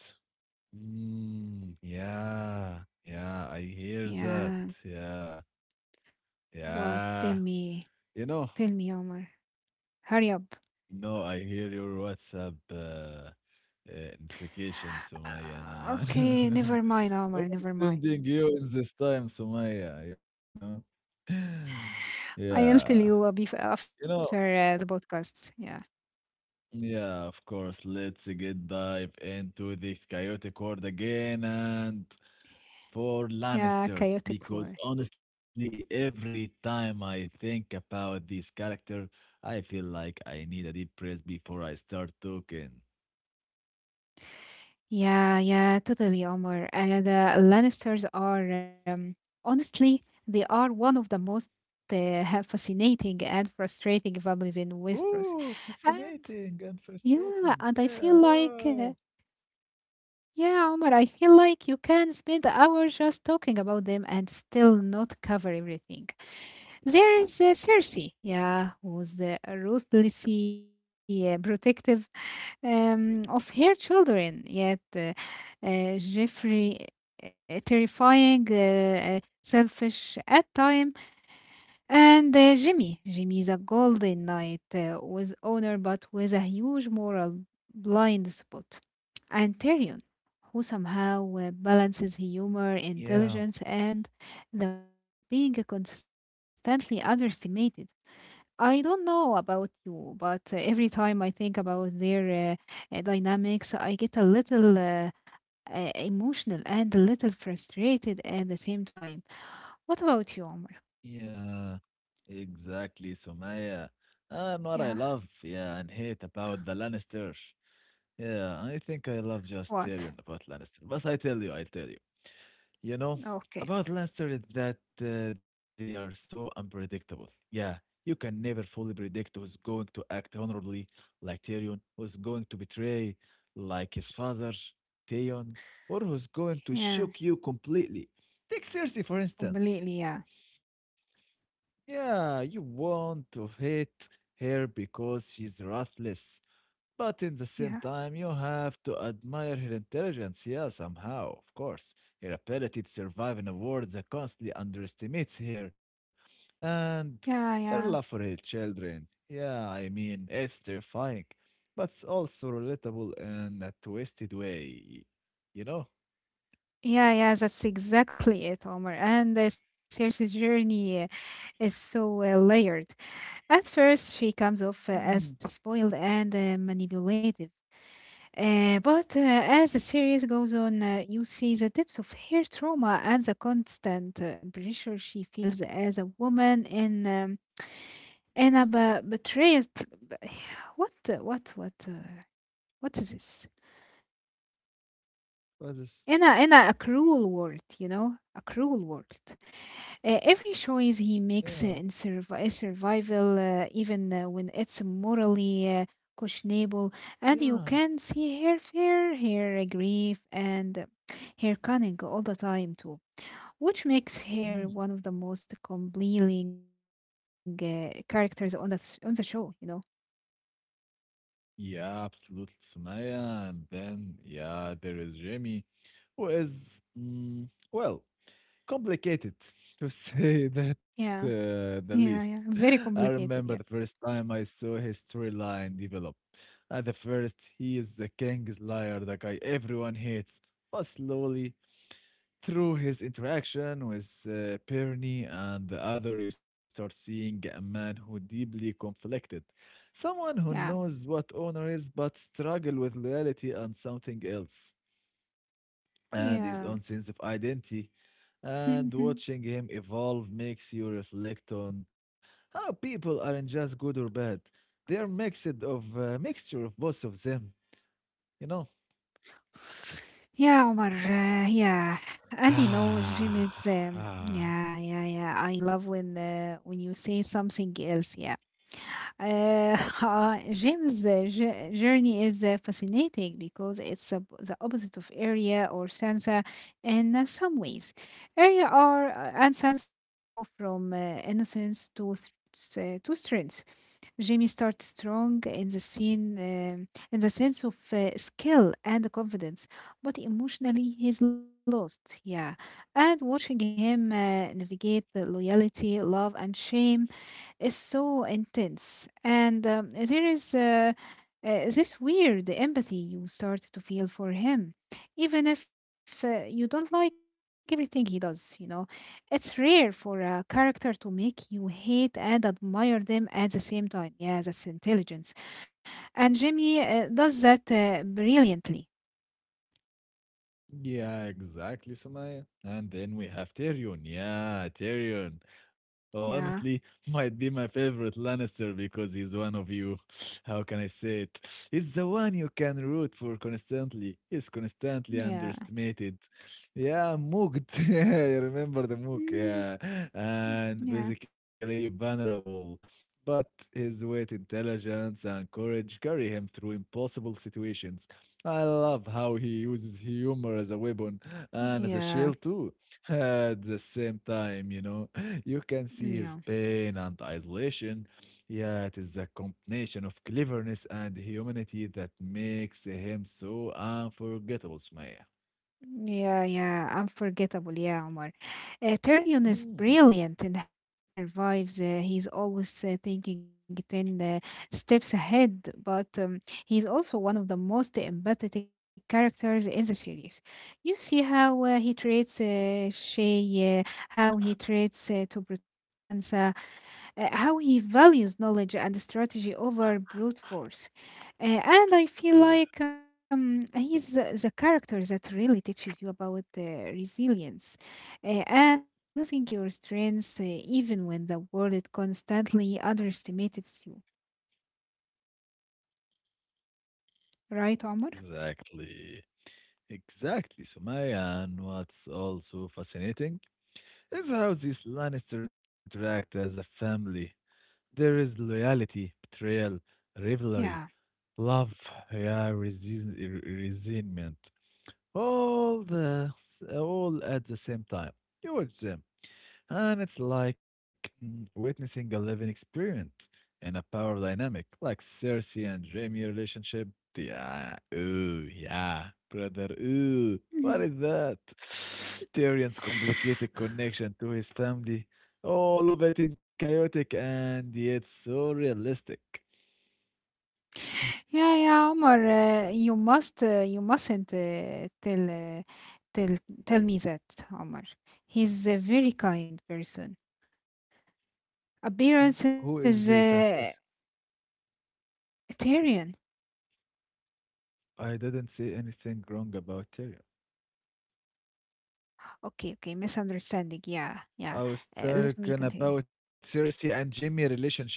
Speaker 1: yeah, I hear
Speaker 2: Yeah,
Speaker 1: that. Yeah,
Speaker 2: what?
Speaker 1: yeah. You know,
Speaker 2: Tell me, Omar. Hurry up.
Speaker 1: no, I hear your WhatsApp notification, Sumaya.
Speaker 2: Okay, never mind, Omar,
Speaker 1: I'm
Speaker 2: never mind.
Speaker 1: sending you in this time, Sumaya, you know? Yeah,
Speaker 2: I'll tell you a bit
Speaker 1: you
Speaker 2: after
Speaker 1: know,
Speaker 2: the podcasts. Yeah,
Speaker 1: yeah, of course. Let's get dive into the chaotic world again and for
Speaker 2: yeah, chaotic
Speaker 1: Lannisters,
Speaker 2: war.
Speaker 1: because honestly, every time I think about this character, I feel like I need a deep breath before I start talking.
Speaker 2: Yeah, yeah, totally, Omar. And the Lannisters are, honestly, they are one of the most fascinating and frustrating families in Westeros.
Speaker 1: Ooh,
Speaker 2: And
Speaker 1: fascinating and
Speaker 2: yeah,
Speaker 1: frustrating.
Speaker 2: and I feel
Speaker 1: Yeah,
Speaker 2: like
Speaker 1: wow.
Speaker 2: yeah, Omar, I feel like you can spend hours just talking about them and still not cover everything. There is Circe, yeah, who's ruthlessly protective of her children, yet Jeffrey, terrifying, selfish at times. And Jimmy. Jimmy is a golden knight with honor but with a huge moral blind spot. And Tyrion, who somehow balances humor,
Speaker 1: Yeah,
Speaker 2: intelligence, and the weight of being consistently underestimated. I don't know about you, but every time I think about their dynamics, I get a little emotional and a little frustrated at the same time. What about you, Omar?
Speaker 1: yeah, exactly, Somaya. Ah, and what I
Speaker 2: Yeah,
Speaker 1: love, yeah, and hate about the Lannisters. Yeah, I think I love just Tyrion
Speaker 2: what?
Speaker 1: about Lannister. But I tell you, I tell you. You know,
Speaker 2: Okay.
Speaker 1: about Leicester is that they are so unpredictable. Yeah, you can never fully predict who's going to act honorably, like Tyrion, who's going to betray, like his father, Theon, or who's going to shock
Speaker 2: Yeah,
Speaker 1: you completely. Take Cersei, for instance.
Speaker 2: completely. Yeah,
Speaker 1: Yeah, you want to hate her because she's ruthless, but in
Speaker 2: yeah,
Speaker 1: the same time, you have to admire her intelligence, yeah, somehow, of course. Her ability to survive in a world that constantly underestimates her, and
Speaker 2: yeah, yeah.
Speaker 1: her love for her children. Yeah, I mean, it's terrifying, but it's also relatable in a twisted way, you know?
Speaker 2: Yeah, yeah, that's exactly it, Omar. And Circe's journey is so layered. At first, she comes off as
Speaker 1: Mm.
Speaker 2: spoiled and manipulative. But as the series goes on, you see the depths of her trauma and the constant pressure she feels as a woman in a betrayal. What, what, what is this?
Speaker 1: What is this?
Speaker 2: In a cruel world, you know, a cruel world. Every choice he
Speaker 1: Yeah,
Speaker 2: makes in survi- is survival, even when it's morally questionable, and you
Speaker 1: yeah.
Speaker 2: can see her fear, her grief, and her cunning all the time too, which makes her
Speaker 1: Mm.
Speaker 2: one of the most compelling characters on the on the show. You know.
Speaker 1: Yeah, absolutely, Sumaya. And then, yeah, there is Jimmy, who is, well, complicated, to say
Speaker 2: Yeah.
Speaker 1: that the
Speaker 2: Yeah, yeah,
Speaker 1: least.
Speaker 2: very
Speaker 1: I
Speaker 2: complicated.
Speaker 1: remember
Speaker 2: Yeah,
Speaker 1: the first time I saw his storyline develop. At the first, he is the king's liar, the guy everyone hates. But slowly, through his interaction with Perny and the other, you start seeing a man who deeply conflicted. Someone who
Speaker 2: yeah,
Speaker 1: knows what honor is but struggle with loyalty and something else and his own sense of identity.
Speaker 2: yeah.
Speaker 1: And watching him evolve makes you reflect on how people aren't just good or bad. They are mixed of mixture of both of them, you know?
Speaker 2: Yeah, Omar. Yeah, and you know, Jim is.
Speaker 1: Ah,
Speaker 2: Yeah, yeah, yeah. I love when you say something else. Yeah, uh, Jim's journey is fascinating because it's the opposite of Arya or Sansa in some ways. Arya are and Sansa grow from innocence to to strength. Jamie starts strong in the scene, in the sense of skill and confidence, but emotionally he's lost. Yeah, and watching him navigate the loyalty, love, and shame is so intense. And there is this weird empathy you start to feel for him, even if you don't like everything he does, you know. It's rare for a character to make you hate and admire them at the same time. Yeah, that's intelligence. And Jimmy does that brilliantly.
Speaker 1: yeah, exactly, Sumaya. And then we have Tyrion. Yeah, Tyrion. Oh,
Speaker 2: Yeah,
Speaker 1: honestly, might be my favorite Lannister because he's one of you. How can I say it? He's the one you can root for constantly. He's constantly
Speaker 2: yeah,
Speaker 1: underestimated. Yeah, mooked. Yeah, you remember the mook.
Speaker 2: Mm,
Speaker 1: Yeah, and
Speaker 2: yeah,
Speaker 1: basically vulnerable. But his wit, intelligence, and courage carry him through impossible situations. I love how he uses humor as a weapon and as a
Speaker 2: yeah,
Speaker 1: shield too. At the same time, you know, you can see
Speaker 2: yeah.
Speaker 1: his pain and isolation. Yeah, it is a combination of cleverness and humanity that makes him so unforgettable, Sumaya.
Speaker 2: Yeah, yeah, unforgettable. Yeah, Omar. Tyrion is
Speaker 1: Mm.
Speaker 2: brilliant in how he survives. He's always thinking 10 steps ahead, but he's also one of the most empathetic characters in the series. You see how he treats Shay, how he treats to protect Sansa, how he values knowledge and strategy over brute force. And I feel
Speaker 1: Uh,
Speaker 2: like he's the character that really teaches you about resilience and using your strengths even when the world constantly underestimates you. Right, Omar?
Speaker 1: Exactly. Exactly, Sumaya. And what's also fascinating is how these Lannister interact as a family. There is loyalty, betrayal,
Speaker 2: Yeah.
Speaker 1: rivalry, love, yeah, resentment. All the all at the same time. You watch them. And it's like witnessing a living experiment in a power dynamic, like Cersei and Jaime relationship. Yeah, ooh, yeah, brother, ooh,
Speaker 2: Mhm.
Speaker 1: what is that? Tyrion's complicated connection to his family, all of it in chaotic and yet so realistic.
Speaker 2: Yeah, yeah, Omar. You must, you mustn't tell, tell me that, Omar. He's a very kind person. Appearance
Speaker 1: Who is
Speaker 2: is
Speaker 1: very kind person?
Speaker 2: Tyrion.
Speaker 1: I didn't say anything wrong about Tyrion.
Speaker 2: Okay, okay, misunderstanding. Yeah, yeah.
Speaker 1: I was
Speaker 2: Let me
Speaker 1: talking
Speaker 2: continue.
Speaker 1: about Cersei and Jaime relationship.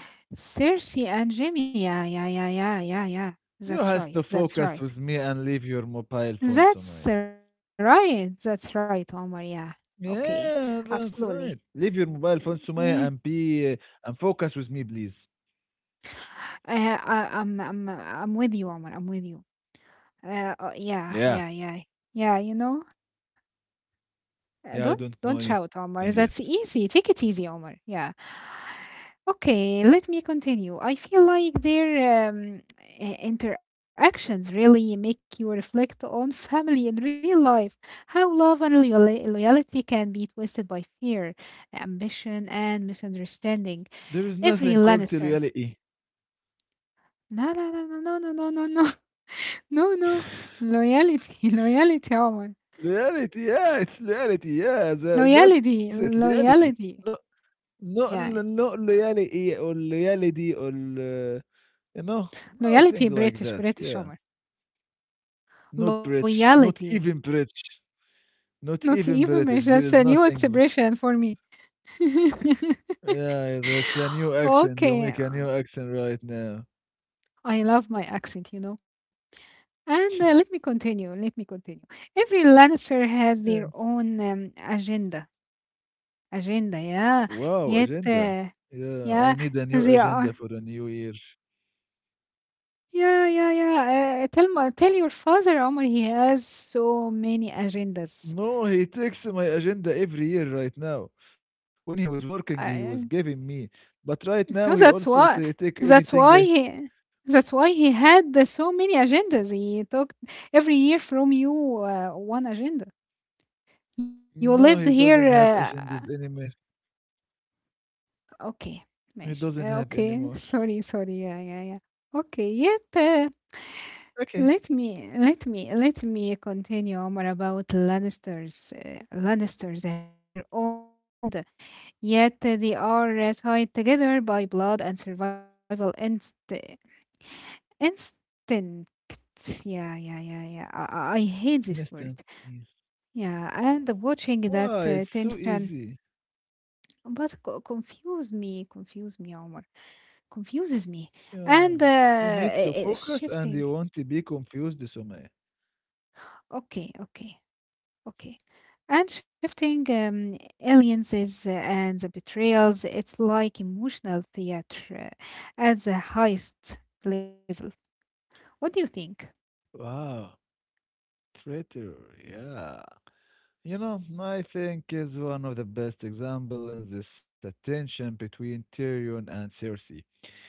Speaker 2: Cersei and Jimmy. Yeah, yeah, yeah, yeah, yeah, yeah. That's
Speaker 1: You
Speaker 2: right.
Speaker 1: has to
Speaker 2: That's right.
Speaker 1: focus with me and leave your mobile phone,
Speaker 2: That's
Speaker 1: Sumaya.
Speaker 2: right. That's right, Omar. Yeah. Okay.
Speaker 1: Yeah,
Speaker 2: Absolutely.
Speaker 1: that's right. Leave your mobile phone,
Speaker 2: Yeah.
Speaker 1: Sumaya, and be and focus with me, please.
Speaker 2: I'm with you, Omar. I'm with you. Yeah,
Speaker 1: Yeah,
Speaker 2: yeah, yeah, yeah. You know. Uh, Don't
Speaker 1: yeah, I
Speaker 2: don't
Speaker 1: don't know
Speaker 2: shout,
Speaker 1: anything
Speaker 2: Omar.
Speaker 1: yet.
Speaker 2: That's easy. Take it easy, Omar. Yeah. Okay, let me continue. I feel like their interactions really make you reflect on family in real life. How love and loyalty can be twisted by fear, ambition, and misunderstanding.
Speaker 1: There is nothing
Speaker 2: Every
Speaker 1: called the
Speaker 2: Lannister.
Speaker 1: reality.
Speaker 2: No, no, no, no, no, no, no, no, no, no, no. Loyalty, loyalty, Omar.
Speaker 1: Reality, yeah, it's reality. Yeah, that's it,
Speaker 2: Loyalty,
Speaker 1: reality. Not
Speaker 2: loyalty. Yeah.
Speaker 1: not reality or reality or you know nothing
Speaker 2: Loyalty,
Speaker 1: like that.
Speaker 2: British, British
Speaker 1: Yeah,
Speaker 2: Omar.
Speaker 1: not British,
Speaker 2: Loyalty.
Speaker 1: not
Speaker 2: Not
Speaker 1: even
Speaker 2: even British.
Speaker 1: British. There
Speaker 2: That's
Speaker 1: is
Speaker 2: a new
Speaker 1: nothing.
Speaker 2: expression for me.
Speaker 1: Yeah, that's a new accent.
Speaker 2: okay.
Speaker 1: You make a new accent right now.
Speaker 2: I love my accent, you know. And let me continue. Let me continue. Every Lannister has
Speaker 1: Yeah.
Speaker 2: their own agenda. Agenda, yeah.
Speaker 1: Wow,
Speaker 2: Yet,
Speaker 1: agenda. Yeah, I need a
Speaker 2: yeah,
Speaker 1: new
Speaker 2: they
Speaker 1: agenda for the
Speaker 2: are.
Speaker 1: new year.
Speaker 2: Yeah, yeah, yeah. Tell your father, Omar, he has so many agendas.
Speaker 1: No, he takes my agenda every year right now. When he was working, he was giving me. But right now, he
Speaker 2: So
Speaker 1: also ta take
Speaker 2: that's
Speaker 1: anything I.
Speaker 2: why he that's why he had the so many agendas. He took every year from you one agenda. You lived
Speaker 1: No, he
Speaker 2: here.
Speaker 1: doesn't have agendas anymore.
Speaker 2: Okay,
Speaker 1: He
Speaker 2: ماشي.
Speaker 1: doesn't have
Speaker 2: Okay,
Speaker 1: anymore.
Speaker 2: sorry, sorry. Yeah, yeah, yeah. Okay, yet
Speaker 1: Okay,
Speaker 2: let me continue, Omar, about Lannisters. Lannisters has their own agenda, yet they are tied together by blood and survival instinct. Instinct. Yeah, yeah, yeah, yeah. I hate this word.
Speaker 1: understand.
Speaker 2: Yeah, and watching that
Speaker 1: Why? It's so
Speaker 2: tension,
Speaker 1: easy.
Speaker 2: but confuse me, Omar, confuses me,
Speaker 1: Yeah.
Speaker 2: and
Speaker 1: You need to focus and you
Speaker 2: shifting.
Speaker 1: won't be confused, Sumaya.
Speaker 2: Okay, okay, okay. And shifting alliances and the betrayals, it's like emotional theater at the highest level. What do you think?
Speaker 1: Wow, traitor. Yeah. You know, I think is one of the best example in this tension between Tyrion and Cersei.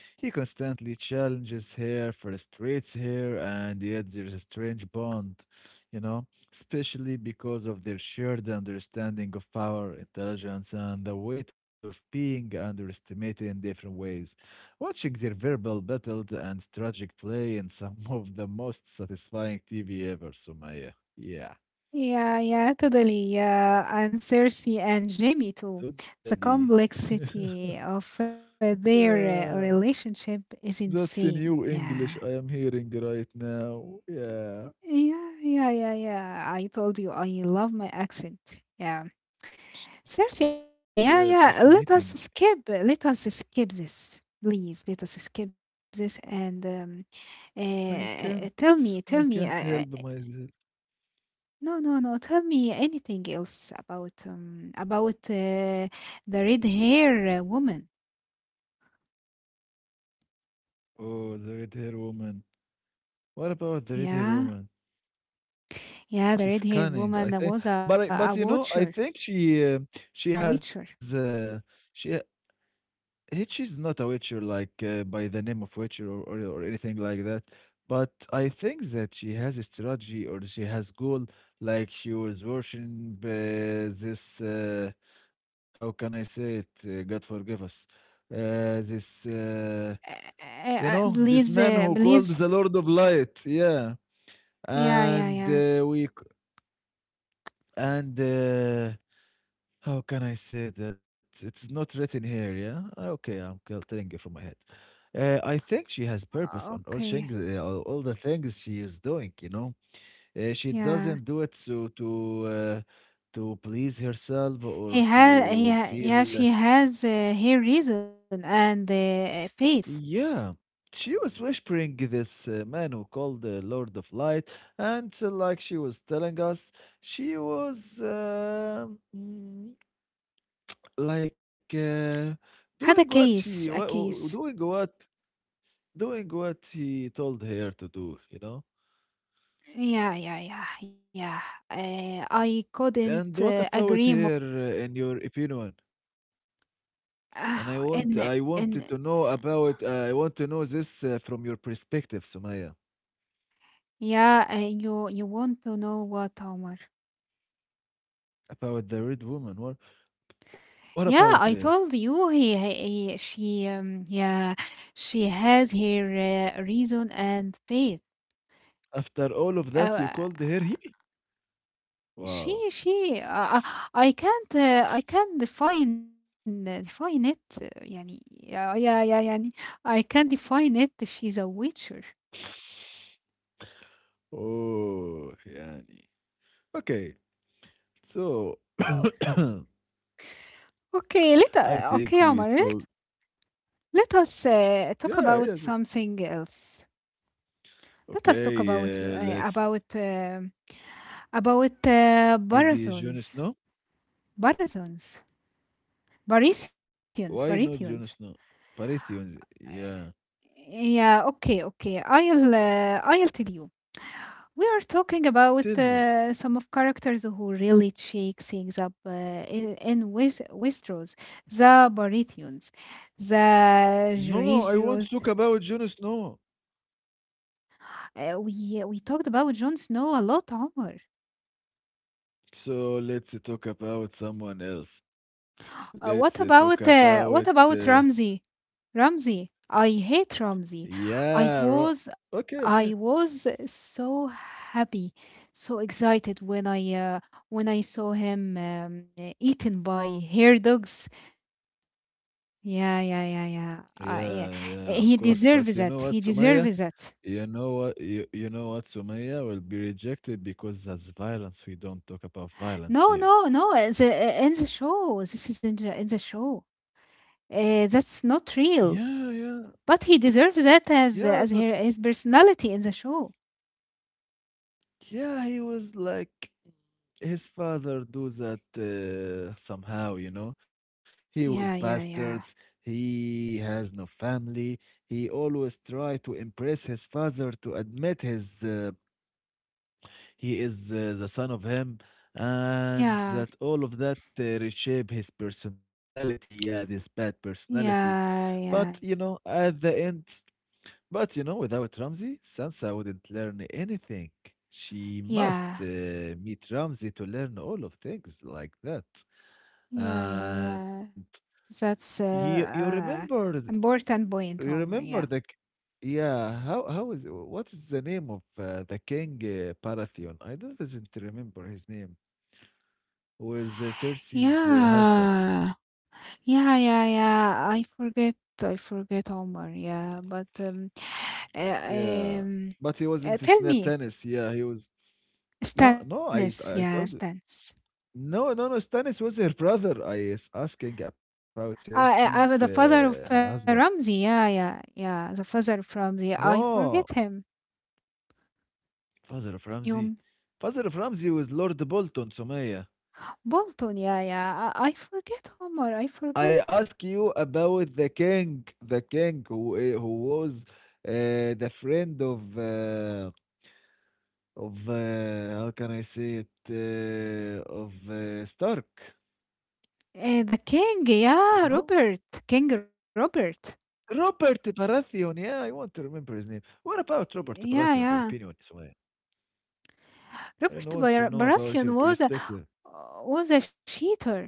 Speaker 1: He constantly challenges her, frustrates her, and yet there's a strange bond, you know, especially because of their shared understanding of power, intelligence, and the weight of being underestimated in different ways. Watching their verbal battle and strategic play in some of the most satisfying TV ever, Sumaya. Yeah,
Speaker 2: Yeah, yeah, totally. Yeah, and Cersei and Jamie too. The
Speaker 1: totally.
Speaker 2: complexity of their
Speaker 1: Yeah,
Speaker 2: relationship is
Speaker 1: that's a
Speaker 2: insane.
Speaker 1: new
Speaker 2: Yeah.
Speaker 1: English I am hearing right now. Yeah.
Speaker 2: Yeah, yeah, yeah, yeah. I told you I love my accent. Yeah. Cersei and
Speaker 1: Yeah,
Speaker 2: Jamie. Yeah, yeah.
Speaker 1: fascinating.
Speaker 2: Let us skip. Let us skip this. Please, let us skip this and
Speaker 1: I can't
Speaker 2: tell me, tell
Speaker 1: I
Speaker 2: me.
Speaker 1: can't help myself.
Speaker 2: No, no, no. Tell me anything else about the red hair woman.
Speaker 1: Oh, the red hair woman. What about the red
Speaker 2: Yeah,
Speaker 1: hair woman?
Speaker 2: yeah. The red
Speaker 1: She's
Speaker 2: hair
Speaker 1: cunning,
Speaker 2: woman
Speaker 1: I think.
Speaker 2: was a
Speaker 1: But you know,
Speaker 2: watcher,
Speaker 1: I think
Speaker 2: a
Speaker 1: she
Speaker 2: witcher.
Speaker 1: has she Hitch is not a Witcher like by the name of Witcher or anything like that. But I think that she has a strategy or she has goal. Like she was worshiping this. How can I say it? God forgive us. This.
Speaker 2: Uh,
Speaker 1: You know this
Speaker 2: please,
Speaker 1: man who called
Speaker 2: please.
Speaker 1: the Lord of Light. Yeah,
Speaker 2: Yeah, yeah,
Speaker 1: and
Speaker 2: yeah.
Speaker 1: we c- and. How can I say that? It's not written here, yeah? Okay, telling you from my head. I think she has purpose on all
Speaker 2: Okay.
Speaker 1: things, all the things she is doing. You know, she
Speaker 2: Yeah,
Speaker 1: doesn't do it so uh, to please herself or
Speaker 2: he had.
Speaker 1: to
Speaker 2: Yeah.
Speaker 1: feel.
Speaker 2: She has her reason and faith.
Speaker 1: Yeah, she was whispering this man who called the Lord of Light, and like she was telling us, she was. Mm, like uh, Doing
Speaker 2: Had a
Speaker 1: what
Speaker 2: case, a case.
Speaker 1: doing what he told her to do, you know.
Speaker 2: Yeah, yeah, yeah, yeah. I couldn't
Speaker 1: And what about
Speaker 2: agree more.
Speaker 1: her in your opinion, and
Speaker 2: Oh,
Speaker 1: I wanted
Speaker 2: and
Speaker 1: to know about I want to know this from your perspective, Sumaya,
Speaker 2: yeah, you you want to know what, Omar?
Speaker 1: about the red woman, what about
Speaker 2: Yeah,
Speaker 1: her?
Speaker 2: I told you he she yeah she has her reason and faith.
Speaker 1: After all of
Speaker 2: Uh,
Speaker 1: that you called her he.
Speaker 2: she
Speaker 1: Wow.
Speaker 2: she uh, uh, I can't define define it. يعني yeah yeah yeah يعني I can't define it. She's a witcher.
Speaker 1: Oh yani, okay, so
Speaker 2: Okay, let
Speaker 1: I think
Speaker 2: okay,
Speaker 1: we
Speaker 2: Omar.
Speaker 1: talk.
Speaker 2: Let us
Speaker 1: Yeah,
Speaker 2: talk
Speaker 1: yeah.
Speaker 2: about something else. Let us talk
Speaker 1: Okay,
Speaker 2: about
Speaker 1: let's maybe Jon
Speaker 2: marathons,
Speaker 1: Snow.
Speaker 2: marathons, Parisians,
Speaker 1: Why not Jon
Speaker 2: Parisians.
Speaker 1: Snow? Baratheon. Yeah.
Speaker 2: Yeah, okay, okay. I'll tell you. We are talking about
Speaker 1: Tell me.
Speaker 2: some of characters who really shake things up in Westeros, the Baratheons, the
Speaker 1: No, I won't talk
Speaker 2: Georgios.
Speaker 1: about Jon Snow.
Speaker 2: We talked about Jon Snow a lot, Omar.
Speaker 1: So let's talk about someone else. Let's talk about.
Speaker 2: What about Ramsey? Ramsey, I hate Ramsey.
Speaker 1: Yeah.
Speaker 2: I was
Speaker 1: Okay.
Speaker 2: I
Speaker 1: Okay.
Speaker 2: was so happy, so excited when I saw him eaten by hair dogs. Yeah, yeah, yeah, yeah.
Speaker 1: Yeah.
Speaker 2: Yeah.
Speaker 1: Yeah. Of
Speaker 2: He
Speaker 1: course. But you
Speaker 2: deserves
Speaker 1: know
Speaker 2: that.
Speaker 1: what,
Speaker 2: He
Speaker 1: Sumaya?
Speaker 2: deserves that.
Speaker 1: You know what? You know what, Sumaya will be rejected because that's violence. We don't talk about violence
Speaker 2: No,
Speaker 1: here.
Speaker 2: no, no. The, in the show, this is in the show. That's not real.
Speaker 1: Yeah, yeah,
Speaker 2: But he deserves that
Speaker 1: yeah.
Speaker 2: as
Speaker 1: That's.
Speaker 2: her, his personality in the show.
Speaker 1: Yeah, he was like his father do that somehow, you know. He was
Speaker 2: Yeah, yeah,
Speaker 1: bastards.
Speaker 2: yeah.
Speaker 1: He has no family. He always try to impress his father to admit his he is the son of him, and
Speaker 2: Yeah.
Speaker 1: that all of that reshape his personality. Yeah, this bad personality.
Speaker 2: Yeah,
Speaker 1: But you
Speaker 2: yeah.
Speaker 1: know, at the end. But you know, without Ramsey, Sansa wouldn't learn anything. She must
Speaker 2: Yeah.
Speaker 1: meet Ramsey to learn all of things like that.
Speaker 2: Yeah, yeah,
Speaker 1: And
Speaker 2: yeah. That's
Speaker 1: you remember
Speaker 2: important
Speaker 1: you
Speaker 2: point,
Speaker 1: remember
Speaker 2: Homer.
Speaker 1: the
Speaker 2: Yeah.
Speaker 1: k- yeah, how is what is the name of the king Baratheon? I don't doesn't remember his name. Was Cersei's husband?
Speaker 2: Yeah. Yeah, yeah, yeah. I forget. I forget Homer. Yeah, but uh,
Speaker 1: Yeah,
Speaker 2: um
Speaker 1: but he wasn't
Speaker 2: tell me
Speaker 1: Stannis. Yeah, he was. No, no,
Speaker 2: Stannis. Yeah,
Speaker 1: I told you.
Speaker 2: Stannis.
Speaker 1: No, no, no. Stannis was her brother. I is asking about Cersei's
Speaker 2: The father of
Speaker 1: husband.
Speaker 2: Ramsey, yeah, yeah, yeah, the father of Ramsey. I forget
Speaker 1: No,
Speaker 2: him.
Speaker 1: father of Ramsay.
Speaker 2: You
Speaker 1: Father of Ramsay was Lord Bolton, Sumaya.
Speaker 2: Bolton, yeah, yeah. I forget Omar. I
Speaker 1: I
Speaker 2: forget.
Speaker 1: ask you about the king who was the friend of how can I say it of Stark.
Speaker 2: The king,
Speaker 1: You know,
Speaker 2: yeah, Robert, King Robert.
Speaker 1: Robert Baratheon. Yeah, I want to remember his name. What about Robert
Speaker 2: Yeah,
Speaker 1: Baratheon? Your
Speaker 2: yeah.
Speaker 1: opinion, Sumaya? I want to know about
Speaker 2: Baratheon
Speaker 1: your perspective.
Speaker 2: was a cheater,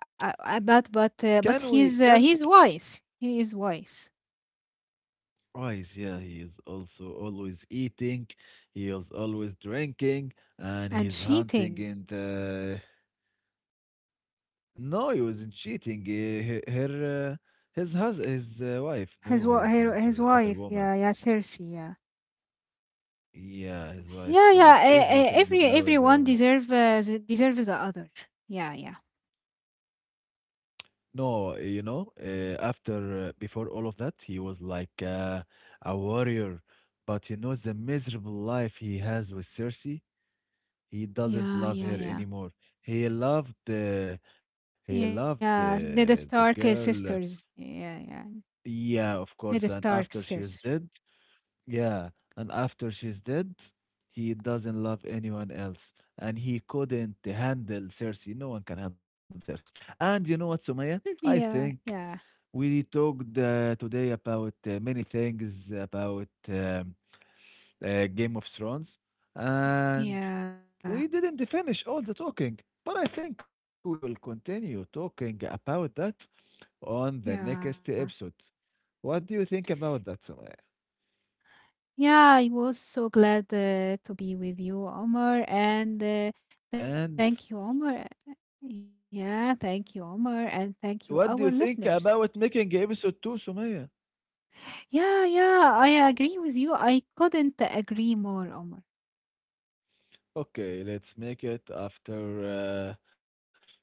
Speaker 2: uh, uh, but but
Speaker 1: Can
Speaker 2: uh, but
Speaker 1: we can
Speaker 2: he's wise. He is wise
Speaker 1: Rice, yeah, he is also always eating, he is always drinking, and
Speaker 2: and
Speaker 1: he's hunting
Speaker 2: cheating.
Speaker 1: in the. No, he wasn't cheating. Eh, he- Her, his hus his wife knew he
Speaker 2: His
Speaker 1: was with
Speaker 2: wife,
Speaker 1: other
Speaker 2: yeah, yeah,
Speaker 1: woman.
Speaker 2: Cersei, yeah,
Speaker 1: Yeah, his
Speaker 2: yeah, yeah.
Speaker 1: wife
Speaker 2: Uh,
Speaker 1: knows
Speaker 2: uh, every
Speaker 1: everything
Speaker 2: everyone
Speaker 1: about the
Speaker 2: deserve
Speaker 1: woman.
Speaker 2: deserves the other. Yeah, yeah,
Speaker 1: No, you know, after before all of that, he was a warrior. But you know, the miserable life he has with Cersei, he
Speaker 2: yeah,
Speaker 1: doesn't
Speaker 2: yeah,
Speaker 1: love her
Speaker 2: yeah.
Speaker 1: anymore. He loved the he loved
Speaker 2: Yeah, they're the
Speaker 1: the
Speaker 2: Stark
Speaker 1: girl. Uh,
Speaker 2: sisters. Yeah, yeah.
Speaker 1: yeah, of
Speaker 2: They're the
Speaker 1: course. And
Speaker 2: Stark
Speaker 1: after she
Speaker 2: sisters.
Speaker 1: was dead, yeah, and after she's dead, he doesn't love anyone else, and he couldn't handle Cersei. No one can handle Cersei. And you know what, Sumaya? I
Speaker 2: Yeah,
Speaker 1: think.
Speaker 2: yeah,
Speaker 1: We talked today about many things about Game of Thrones, and
Speaker 2: yeah,
Speaker 1: we didn't finish all the talking, but I think we will continue talking about that on the
Speaker 2: yeah.
Speaker 1: next episode. What do you think about that, Sumaya?
Speaker 2: Yeah, I was so glad to be with you, Omar, and thank you,
Speaker 1: And
Speaker 2: Omar. Yeah, thank you, Omar, and thank you, our
Speaker 1: what do you
Speaker 2: listeners.
Speaker 1: think about making episode two, Sumaya?
Speaker 2: Yeah, yeah, I agree with you. I couldn't agree more, Omar.
Speaker 1: Okay, let's make it after.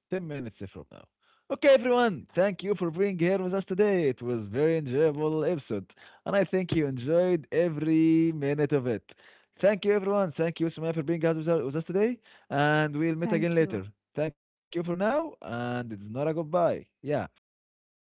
Speaker 1: 10 minutes from now. Okay, everyone, thank you for being here with us today. It was very enjoyable episode, and I think you enjoyed every minute of it. Thank you, everyone. Thank you, Sumaya, for being with us today, and we'll meet again
Speaker 2: Thank you.
Speaker 1: later. Thank you for now, and it's not a goodbye. Yeah, thank you. Goodbye.